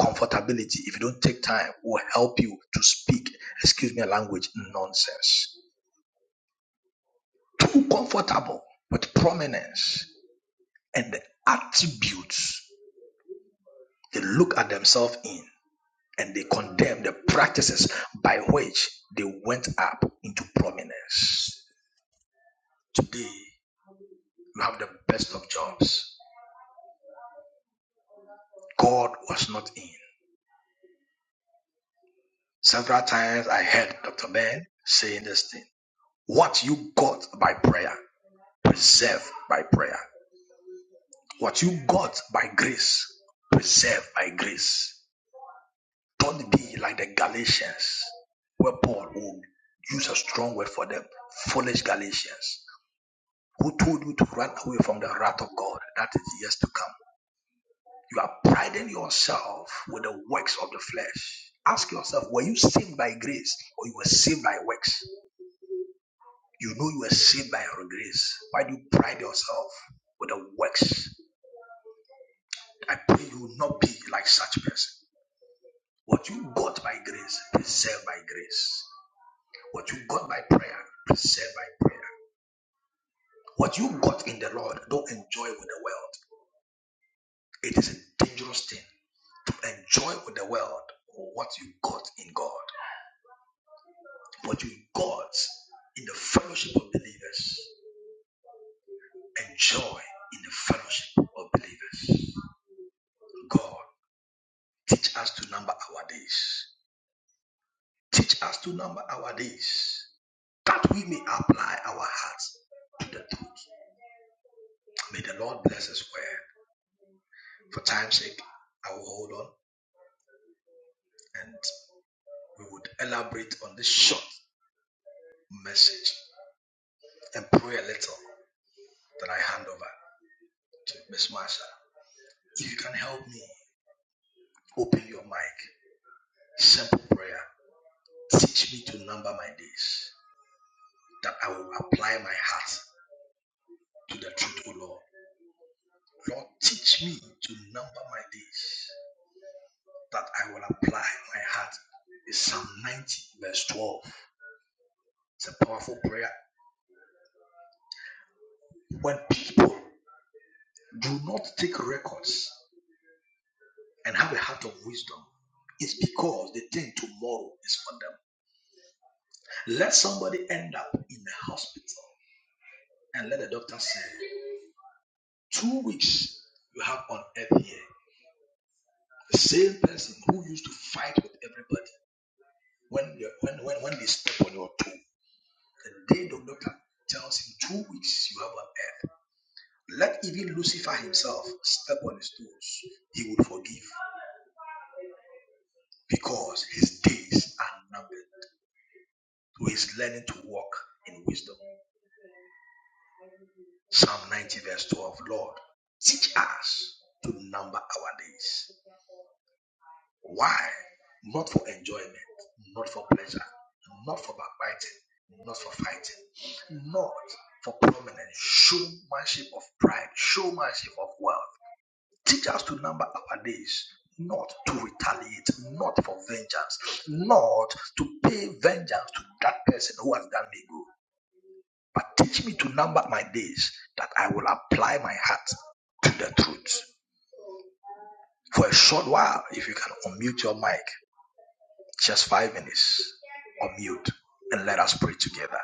Speaker 4: Comfortability, if you don't take time, will help you to speak, excuse me, language nonsense. Too comfortable with prominence and the attributes they look at themselves in and they condemn the practices by which they went up into prominence. Today, you have the best of jobs. God was not in. Several times I heard Dr. Ben saying this thing. What you got by prayer, preserve by prayer. What you got by grace, preserve by grace. Don't be like the Galatians, where Paul would use a strong word for them, foolish Galatians, who told you to run away from the wrath of God that is yet to come. You are priding yourself with the works of the flesh. Ask yourself, were you saved by grace or you were saved by works? You know you were saved by your grace. Why do you pride yourself with the works? I pray you will not be like such person. What you got by grace, preserve by grace. What you got by prayer, preserve by prayer. What you got in the Lord, don't enjoy with the world. It is a dangerous thing to enjoy with the world or what you got in God. What you got in the fellowship of believers, enjoy in the fellowship of believers. God, teach us to number our days. Teach us to number our days that we may apply our hearts to the truth. May the Lord bless us well. For time's sake, I will hold on and we would elaborate on this short message and pray a little that I hand over to Miss Marsha. If you can help me, open your mic. Simple prayer. Teach me to number my days, that I will apply my heart to the truth, O Lord. Lord, teach me to number my days, that I will apply my heart. It's Psalm 90, verse 12. It's a powerful prayer. When people do not take records and have a heart of wisdom is because they think tomorrow is for them. Let somebody end up in a hospital and let the doctor say, two weeks you have on earth here. The same person who used to fight with everybody when they, when, when, when they step on your toe. The day the doctor tells him two weeks you have on earth. Let even Lucifer himself step on his toes. He would forgive because his days are numbered. So he's learning to walk in wisdom. Psalm 90, verse 12. Lord, teach us to number our days. Why? Not for enjoyment, not for pleasure, not for backbiting, not for fighting, not for prominence, showmanship of pride, showmanship of wealth. Teach us to number our days, not to retaliate, not for vengeance, not to pay vengeance to that person who has done me good. But teach me to number my days that I will apply my heart to the truth. For a short while, if you can unmute your mic, just five minutes, unmute, and let us pray together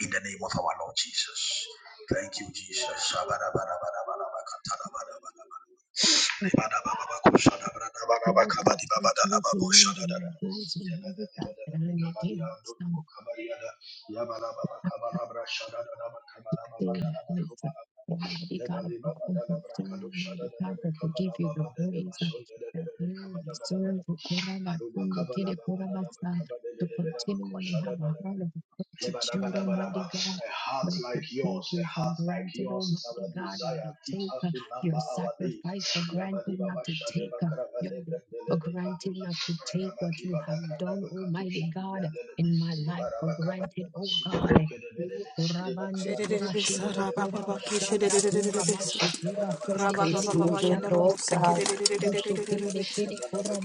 Speaker 4: in the name of our Lord Jesus. Thank you, Jesus.
Speaker 1: Lord, you teach me to number my days, Almighty
Speaker 4: Shada
Speaker 1: God, that I may gain wisdom. stay In Seen place. uh, Almighty God of the comfort, zone, Almighty God, that we give you the praise uh, that you deserve the Kurama Kundikiri Kuramasa to continually have a heart of gratitude, Almighty God.
Speaker 4: a heart
Speaker 1: Not to
Speaker 4: like yours,
Speaker 1: take
Speaker 4: a
Speaker 1: you for
Speaker 4: heart like
Speaker 1: granted,
Speaker 4: yours is
Speaker 1: Almighty
Speaker 4: our
Speaker 1: God, not
Speaker 4: desire.
Speaker 1: to
Speaker 4: Teach
Speaker 1: take
Speaker 4: us
Speaker 1: uh,
Speaker 4: to
Speaker 1: your
Speaker 4: number our days.
Speaker 1: sacrifice for granted, not to take uh, your day for granted, not to take what you have done, Almighty God, in my life for granted, oh God. Kiri kura bande kura
Speaker 5: Shedededebesa,
Speaker 1: shindo kura
Speaker 5: rabababaki, shedededededebesa,
Speaker 6: It's
Speaker 1: kiri
Speaker 5: rababababa,
Speaker 6: consuming
Speaker 1: kushara
Speaker 5: yandarobo,
Speaker 6: Lord
Speaker 1: basa.
Speaker 6: God.
Speaker 5: sekedededededebesa,
Speaker 1: kiri
Speaker 4: Madana
Speaker 1: kura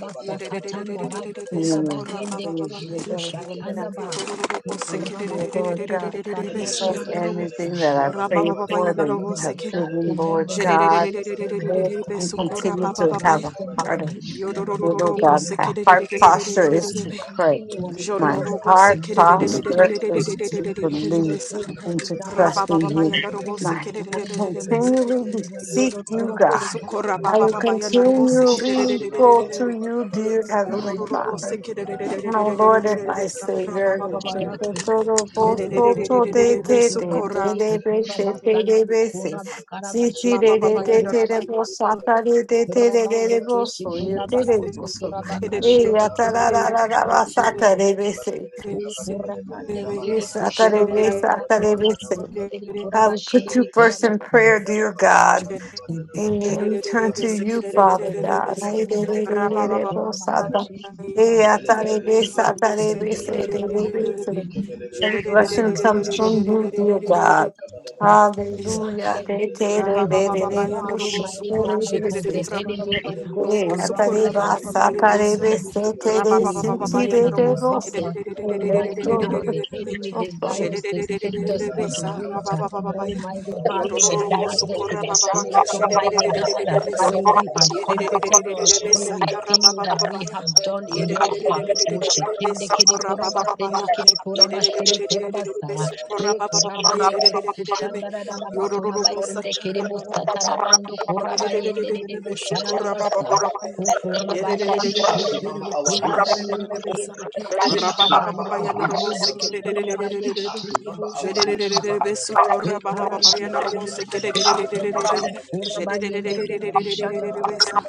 Speaker 1: katanda bani
Speaker 5: yedededededebesa,
Speaker 1: kura
Speaker 6: Mm. You
Speaker 5: korababababa,
Speaker 1: kiri
Speaker 6: deliver
Speaker 1: kusha
Speaker 6: women out
Speaker 1: ba.
Speaker 5: yododododebo,
Speaker 6: from
Speaker 1: Kura
Speaker 6: here, Lord
Speaker 1: kiri
Speaker 6: God.
Speaker 1: bana
Speaker 5: sekededededebesa,
Speaker 6: That's
Speaker 1: kiri
Speaker 5: yandarobo,
Speaker 1: kusa.
Speaker 6: everything that I prayed
Speaker 1: Thank you,
Speaker 5: rababababa,
Speaker 6: for that you
Speaker 5: yandarobo,
Speaker 6: have
Speaker 1: Almighty
Speaker 5: seke,
Speaker 1: God, to
Speaker 6: given, Lord
Speaker 1: number my
Speaker 6: God.
Speaker 1: days, Almighty
Speaker 6: Lord,
Speaker 1: God,
Speaker 6: We
Speaker 5: jedededededebesa,
Speaker 1: grant
Speaker 6: continue
Speaker 1: me the
Speaker 6: to
Speaker 5: korababababa,
Speaker 6: have a
Speaker 1: wisdom,
Speaker 6: heart of
Speaker 1: Almighty God.
Speaker 6: Lord
Speaker 5: yododododebo,
Speaker 6: God.
Speaker 1: Even in
Speaker 6: My
Speaker 1: our
Speaker 6: heart
Speaker 1: heart, Almighty
Speaker 6: posture
Speaker 1: God,
Speaker 6: is to
Speaker 1: that
Speaker 5: sekededededebe,
Speaker 6: pray.
Speaker 1: continually
Speaker 6: My
Speaker 1: seeks
Speaker 5: Jororobo
Speaker 1: after
Speaker 6: heart
Speaker 1: you,
Speaker 5: sekere de
Speaker 1: that
Speaker 5: de de de
Speaker 6: posture
Speaker 5: de
Speaker 1: seeks
Speaker 5: de de
Speaker 1: to
Speaker 5: de
Speaker 6: is
Speaker 1: be
Speaker 5: de
Speaker 6: to
Speaker 5: de
Speaker 1: pleasing
Speaker 5: de
Speaker 1: to
Speaker 5: de
Speaker 6: believe
Speaker 1: you,
Speaker 5: besa.
Speaker 6: and
Speaker 1: Almighty
Speaker 6: to
Speaker 1: God.
Speaker 6: trust in
Speaker 5: Rabababa
Speaker 1: Let
Speaker 6: you.
Speaker 1: me,
Speaker 5: yanda robo
Speaker 6: My
Speaker 1: Almighty
Speaker 5: sekere
Speaker 6: I
Speaker 5: de de
Speaker 6: will
Speaker 1: God,
Speaker 5: de de
Speaker 1: not
Speaker 5: de
Speaker 1: be
Speaker 5: besa.
Speaker 1: doing, in
Speaker 6: continually
Speaker 1: well
Speaker 6: seek
Speaker 1: doing,
Speaker 6: you,
Speaker 5: Yororobo
Speaker 6: God.
Speaker 1: Almighty God,
Speaker 5: sukora
Speaker 1: but
Speaker 6: I
Speaker 1: to
Speaker 6: will
Speaker 5: bababa
Speaker 1: you,
Speaker 5: yanda robo
Speaker 1: Jesus,
Speaker 4: Teach
Speaker 5: sekere de
Speaker 4: us
Speaker 5: de
Speaker 6: continually
Speaker 4: to
Speaker 5: de
Speaker 4: number
Speaker 5: de
Speaker 6: go
Speaker 5: de
Speaker 4: our
Speaker 5: de.
Speaker 6: to
Speaker 4: day.
Speaker 6: you,
Speaker 1: work.
Speaker 6: dear Heavenly
Speaker 5: Yororobo
Speaker 6: Father,
Speaker 5: sekere de de de de
Speaker 6: my
Speaker 5: de de
Speaker 6: Lord
Speaker 5: de
Speaker 6: and
Speaker 5: de
Speaker 6: my
Speaker 5: besa.
Speaker 6: Savior. I
Speaker 5: Rabababa ya
Speaker 6: will
Speaker 5: de de
Speaker 4: Thank
Speaker 5: de de de de de besa. Sukora bababa yanda robo
Speaker 1: Kurabande keshi kuraba kusu kuraba
Speaker 5: sekere de de de
Speaker 1: kashinde kiri
Speaker 5: de de de de de.
Speaker 1: kuraba Kurabande kiri
Speaker 5: Jere
Speaker 1: kushanda
Speaker 5: de de
Speaker 1: raba kurabasini
Speaker 5: de
Speaker 1: kiri
Speaker 5: de
Speaker 1: kurabashiri
Speaker 6: put you first in
Speaker 1: kurabasini.
Speaker 6: prayer, dear God.
Speaker 5: de de.
Speaker 1: Oh my
Speaker 6: And
Speaker 5: Let
Speaker 1: God,
Speaker 6: we turn to
Speaker 1: give me
Speaker 6: you,
Speaker 1: faith from
Speaker 5: me
Speaker 6: Father God.
Speaker 1: granted,
Speaker 6: Hey,
Speaker 1: oh
Speaker 6: de-
Speaker 1: my
Speaker 6: de- de- de-
Speaker 1: God,
Speaker 6: de- bo- sa-
Speaker 4: you.
Speaker 6: ta.
Speaker 1: kurabashiri
Speaker 6: Hey,
Speaker 1: kushanda.
Speaker 6: ah, ta-
Speaker 1: Let
Speaker 6: de-
Speaker 1: me
Speaker 6: de-
Speaker 1: not
Speaker 6: sa-
Speaker 1: get
Speaker 6: ta-
Speaker 1: to
Speaker 6: de-
Speaker 1: the
Speaker 6: de-
Speaker 1: place
Speaker 6: se- de-
Speaker 1: where
Speaker 6: de-
Speaker 1: I
Speaker 6: de-
Speaker 1: just
Speaker 6: se.
Speaker 1: remain with my
Speaker 6: Every
Speaker 1: God
Speaker 6: blessing
Speaker 1: and
Speaker 6: comes
Speaker 1: feel
Speaker 6: from you,
Speaker 1: like
Speaker 6: dear God.
Speaker 1: and
Speaker 5: see.
Speaker 1: sleeping.
Speaker 6: Hallelujah.
Speaker 1: Let
Speaker 6: De-
Speaker 1: me not
Speaker 6: te- de-
Speaker 1: let
Speaker 6: de-
Speaker 1: down
Speaker 6: de-
Speaker 1: my
Speaker 6: de- bo-
Speaker 1: God,
Speaker 6: se-
Speaker 1: Almighty
Speaker 6: te- de-
Speaker 1: God,
Speaker 6: de-
Speaker 1: because the
Speaker 6: se.
Speaker 1: enemy is going
Speaker 6: Hey, ah, ta-
Speaker 1: around
Speaker 6: de-
Speaker 1: as a
Speaker 6: ba- sa-
Speaker 1: roaring
Speaker 6: ta- de-
Speaker 1: lion.
Speaker 6: de- se- te-
Speaker 1: He
Speaker 6: de-
Speaker 1: could,
Speaker 6: se-
Speaker 1: he
Speaker 6: te-
Speaker 1: may,
Speaker 6: de- de- bo- se.
Speaker 1: devour.
Speaker 6: Yes,
Speaker 1: Almighty God, the enemy
Speaker 6: Lord.
Speaker 1: desires to sift us as wheat. Almighty God, let us not get to that place, Almighty God, where we
Speaker 5: Yedede
Speaker 1: are comfortable, where we feel that we have done
Speaker 4: Kabada
Speaker 1: enough. Oh, shekinde kide kuraba, sende kide kuraba, shende kuraba, sa. Rekurabande kere kushandara raba kurabayende kere busa tarabando kurabayende de bushara basa.
Speaker 4: Teach
Speaker 1: Ukurabayende
Speaker 4: us to number
Speaker 1: keshiru
Speaker 4: our days.
Speaker 1: kundabayende kende
Speaker 4: Teach us to
Speaker 1: kifunsa
Speaker 4: number
Speaker 1: banda ba.
Speaker 5: Rabababababaya
Speaker 4: our
Speaker 5: na
Speaker 4: days.
Speaker 5: robos,
Speaker 1: Rubundu
Speaker 4: Teach
Speaker 1: kundabayende
Speaker 5: kereberebereberebe,
Speaker 4: us to
Speaker 1: kiri
Speaker 4: number
Speaker 1: bunda
Speaker 4: our
Speaker 1: banda ba.
Speaker 5: kerebereberebereberebeza.
Speaker 4: days.
Speaker 5: Rabababababaya
Speaker 1: Ekarabanda
Speaker 5: na robos,
Speaker 1: kundabase kende
Speaker 5: kereberebereberebe,
Speaker 1: kiri kurabayende kere kushanda ba.
Speaker 5: kerebereberebereberebeza.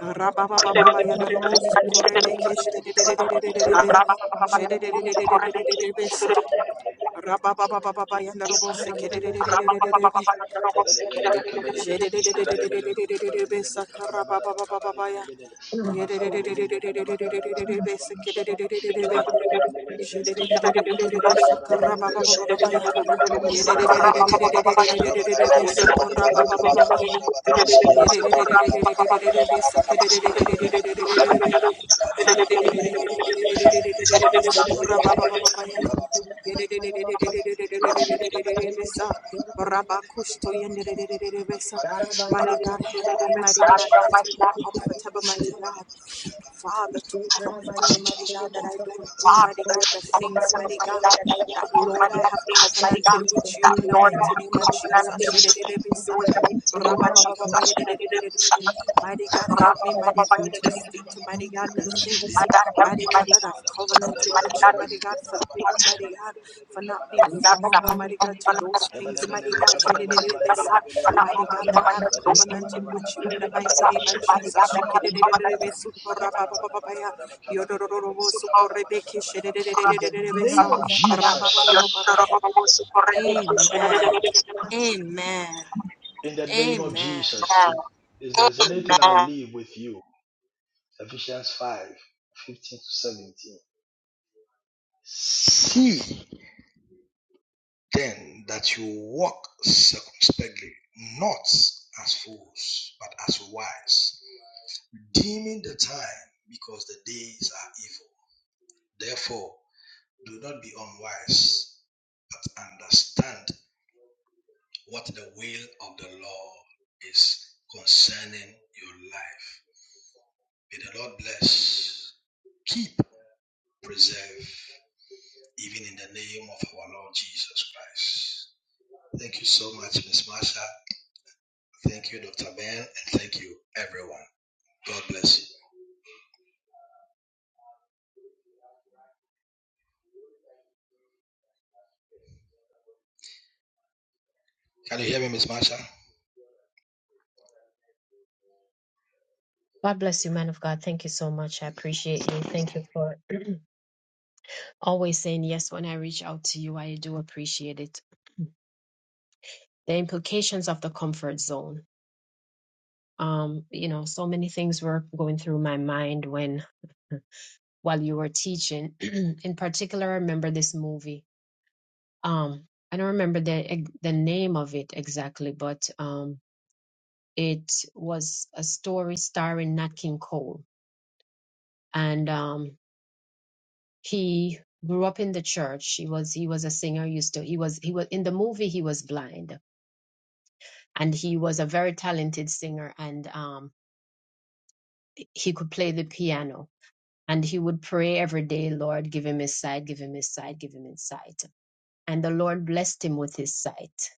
Speaker 5: Rabababababaya na
Speaker 1: Ekurabande
Speaker 5: robos,
Speaker 1: kere kurabayende
Speaker 4: Yabana
Speaker 1: kere
Speaker 5: korebekesteberebereberebe,
Speaker 1: busa tarabando kurabayende kere busa tarabando kurabayende
Speaker 5: kerebereberebereberebeza. Rabababababaya na robos, kereberebereberebe, kerebereberebereberebeza. Rabababababaya,
Speaker 1: kere
Speaker 5: kerebereberebereberebeza, kereberebereberebe.
Speaker 1: Thank
Speaker 4: Yabba
Speaker 5: Sakara Mighty God, help me,
Speaker 7: Thank you. Lord, I have covenant with you and I need to do my something.
Speaker 5: mighty God, not to be comfortable, mighty God. Father, too comfortable, mighty God, that I don't do, mighty God, the things, mighty God, that Lord, I have covenanted with you in the mighty name of Jesus. Ra-ba-ba-ba-ba-ba-ya-da-da-da-da-da-da-da. Mighty God, help me, mighty God, to stick to mighty God the things,
Speaker 7: My
Speaker 1: you.
Speaker 7: God, help me,
Speaker 5: mighty
Speaker 7: my
Speaker 5: God,
Speaker 7: God.
Speaker 5: that I've
Speaker 7: My
Speaker 5: covenanted with you,
Speaker 7: God,
Speaker 5: mighty God,
Speaker 7: my
Speaker 5: forgive me, mighty God, for not being
Speaker 1: God
Speaker 5: faithful, mighty God, to those
Speaker 4: In the
Speaker 5: things, mighty God, ya-da-da-da-da-da-da. mighty God, that I have
Speaker 7: God,
Speaker 5: covenanted with you in the mighty name of Jesus. Ya-da-da-da-da-da-da-da. Ra-ba-ba-ba-ba-ba-ya.
Speaker 7: oh God.
Speaker 5: Yo-do-do-do-do-bo-so-ko-re-be-ke.
Speaker 7: The
Speaker 4: name
Speaker 5: Ya-da-da-da-da-da-da-da-da.
Speaker 4: of Jesus,
Speaker 5: Ra-ba-ba-ba-ba-ba-ba-ya. Amen. Amen.
Speaker 4: in the name of
Speaker 5: Amen.
Speaker 4: Jesus, if, if there's anything I'll leave with you, Ephesians 5, 15 to 17. See then that you walk circumspectly, not as fools, but as wise redeeming the time because the days are evil. Therefore, do not be unwise, but understand what the will of the Lord is concerning your life. May the Lord bless, keep, preserve, even in the name of our Lord Jesus Christ. Thank you so much, Miss Marsha. Thank you, Dr. Ben, and thank you, everyone. God bless you. Can you hear me, Miss Marsha?
Speaker 1: bless you, man of God. Thank you so much. I appreciate you. Thank you for always saying yes when I reach out to you. I do appreciate it. The implications of the comfort zone. Um, you know, so many things were going through my mind when while you were teaching. In particular, I remember this movie. Um, I don't remember the the name of it exactly, but um, It was a story starring Nat King Cole, and um, he grew up in the church. He was he was a singer. Used to he was he was in the movie he was blind, and he was a very talented singer, and um, he could play the piano. And he would pray every day, Lord, give him his sight, give him his sight, give him his sight. And the Lord blessed him with his sight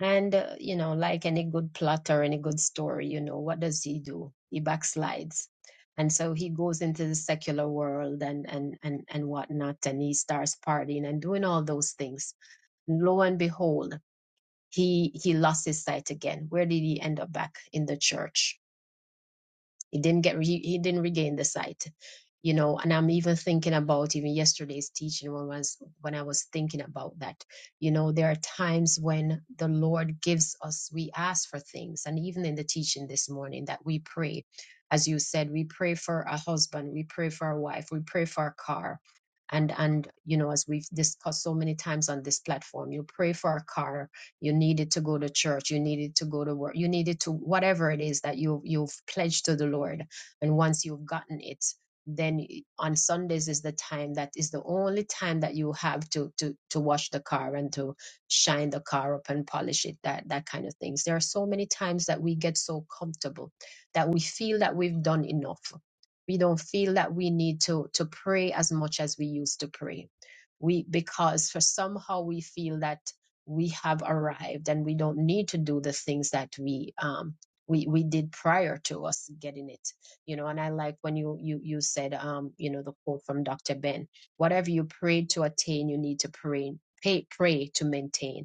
Speaker 1: And, uh, you know, like any good plot or any good story, you know, what does he do? He backslides. And so he goes into the secular world and, and, and, and whatnot, and he starts partying and doing all those things. And lo and behold, he, he lost his sight again. Where did he end up back in the church? He didn't get re- he didn't regain the sight, you know. And I'm even thinking about even yesterday's teaching when I was when I was thinking about that. You know, there are times when the Lord gives us we ask for things, and even in the teaching this morning that we pray, as you said, we pray for a husband, we pray for our wife, we pray for our car. And and you know, as we've discussed so many times on this platform, you pray for our car, you needed to go to church you needed to go to work you needed to whatever it is that you you've pledged to the lord and once you've gotten it then on sundays is the time that is the only time that you have to to to wash the car and to shine the car up and polish it that that kind of things there are so many times that we get so comfortable that we feel that we've done enough we don't feel that we need to to pray as much as we used to pray we because for somehow we feel that we have arrived and we don't need to do the things that we um we we did prior to us getting it you know and i like when you you you said um you know the quote from dr ben whatever you prayed to attain you need to pray pay, pray to maintain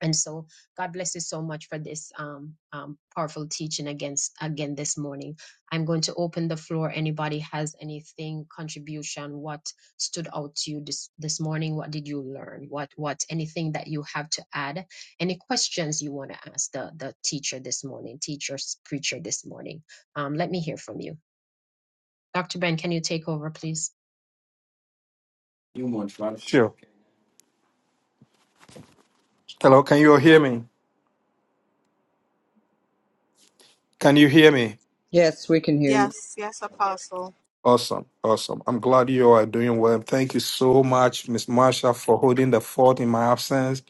Speaker 1: and so god bless you so much for this um, um, powerful teaching against again this morning i'm going to open the floor anybody has anything contribution what stood out to you this this morning what did you learn what what anything that you have to add any questions you want to ask the the teacher this morning teacher preacher this morning um, let me hear from you dr ben can you take over please
Speaker 8: You want right? Sure. Hello, can you all hear me? Can you hear me?
Speaker 9: Yes, we can hear you.
Speaker 5: Yes, yes, Apostle.
Speaker 8: Awesome. Awesome. I'm glad you all are doing well. Thank you so much, Miss Marsha, for holding the fort in my absence.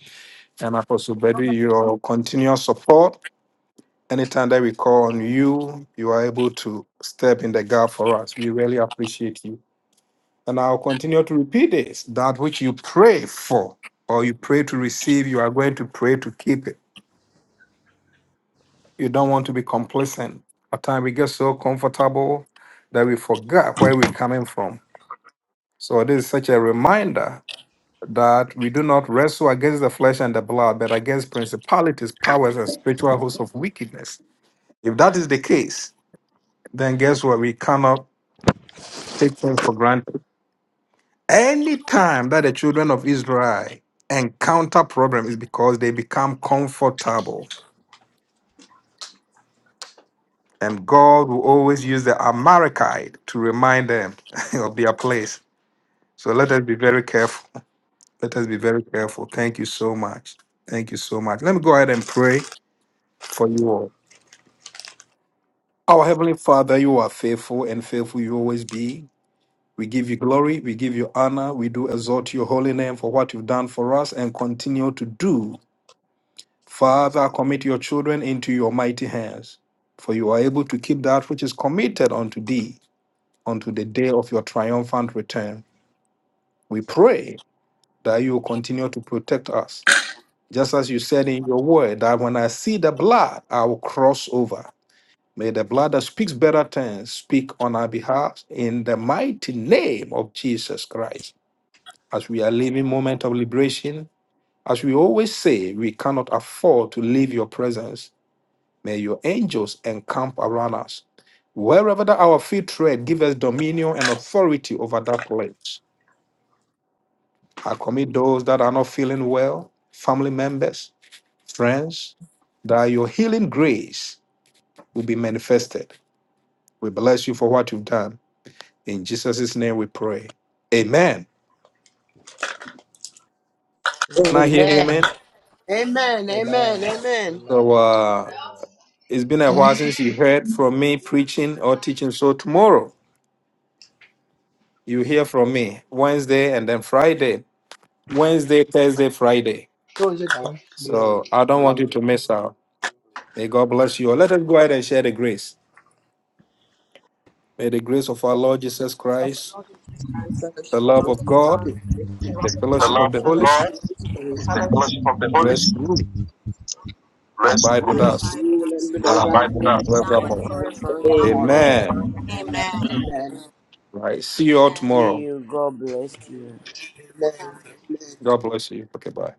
Speaker 8: And Apostle Bedri, your continuous support. Anytime that we call on you, you are able to step in the gap for us. We really appreciate you. And I'll continue to repeat this that which you pray for or you pray to receive, you are going to pray to keep it. You don't want to be complacent. At times we get so comfortable that we forget where we're coming from. So it is such a reminder that we do not wrestle against the flesh and the blood, but against principalities, powers, and spiritual hosts of wickedness. If that is the case, then guess what? We cannot take things for granted. Any time that the children of Israel encounter problems is because they become comfortable. And God will always use the Amalekite to remind them of their place. So let us be very careful. Let us be very careful. Thank you so much. Thank you so much. Let me go ahead and pray for you all. Our Heavenly Father, you are faithful and faithful you always be. We give you glory. We give you honor. We do exalt your holy name for what you've done for us and continue to do. Father, commit your children into your mighty hands, for you are able to keep that which is committed unto thee unto the day of your triumphant return. We pray that you will continue to protect us Just as you said in your word, that when I see the blood, I will cross over. May the blood that speaks better things speak on our behalf in the mighty name of Jesus Christ. As we are living moment of liberation, as we always say, we cannot afford to leave your presence. May your angels encamp around us. Wherever that our feet tread, give us dominion and authority over that place. I commit those that are not feeling well, family members, Friends, that your healing grace will be manifested. We bless you for what you've done. In Jesus' name we pray. Amen.
Speaker 10: And
Speaker 8: Can I
Speaker 10: amen.
Speaker 8: hear
Speaker 11: Amen.
Speaker 8: amen?
Speaker 10: Amen. Amen.
Speaker 4: Amen.
Speaker 10: Amen.
Speaker 4: Amen.
Speaker 8: So uh,
Speaker 4: Amen.
Speaker 8: it's been a while
Speaker 12: Amen.
Speaker 8: since you heard from me preaching or teaching. So tomorrow you hear from me Wednesday and then Friday. Wednesday, Thursday, Friday.
Speaker 10: Close your
Speaker 4: Our
Speaker 10: door.
Speaker 8: So
Speaker 4: glory,
Speaker 8: I don't want you
Speaker 4: glory.
Speaker 8: to miss out. May God bless you. Let us go ahead and share the grace. May the grace of our
Speaker 10: Let
Speaker 8: Lord Jesus
Speaker 5: So
Speaker 10: us
Speaker 8: Christ,
Speaker 5: God in Jesus Christ,
Speaker 8: the
Speaker 10: fellowship
Speaker 5: the
Speaker 10: of
Speaker 8: love
Speaker 5: love
Speaker 10: the
Speaker 8: of
Speaker 5: of
Speaker 10: Holy
Speaker 8: God,
Speaker 5: God,
Speaker 10: Spirit.
Speaker 8: the fellowship
Speaker 5: the
Speaker 8: of
Speaker 7: love
Speaker 8: the
Speaker 7: of
Speaker 8: Holy Spirit
Speaker 7: God,
Speaker 10: The
Speaker 5: fellowship,
Speaker 10: Holy
Speaker 7: is
Speaker 10: Spirit.
Speaker 7: the fellowship of the Holy
Speaker 8: rest
Speaker 7: Spirit,
Speaker 8: rule and
Speaker 7: rest,
Speaker 8: abide with
Speaker 5: and
Speaker 10: Rest
Speaker 8: us
Speaker 5: abide with
Speaker 10: you and
Speaker 5: us
Speaker 10: be the
Speaker 8: now
Speaker 10: right
Speaker 7: abide with
Speaker 8: and
Speaker 10: of
Speaker 7: us.
Speaker 5: now
Speaker 10: God
Speaker 5: and
Speaker 8: forevermore.
Speaker 10: now and
Speaker 5: forevermore.
Speaker 10: forevermore.
Speaker 8: Amen.
Speaker 11: Amen.
Speaker 10: Amen.
Speaker 5: Amen.
Speaker 10: Amen.
Speaker 8: Right. See you all
Speaker 5: Amen.
Speaker 11: See
Speaker 8: tomorrow.
Speaker 11: you. God bless you.
Speaker 5: Bye
Speaker 10: Amen.
Speaker 5: bye.
Speaker 10: Amen.
Speaker 8: God bless you. Okay, bye.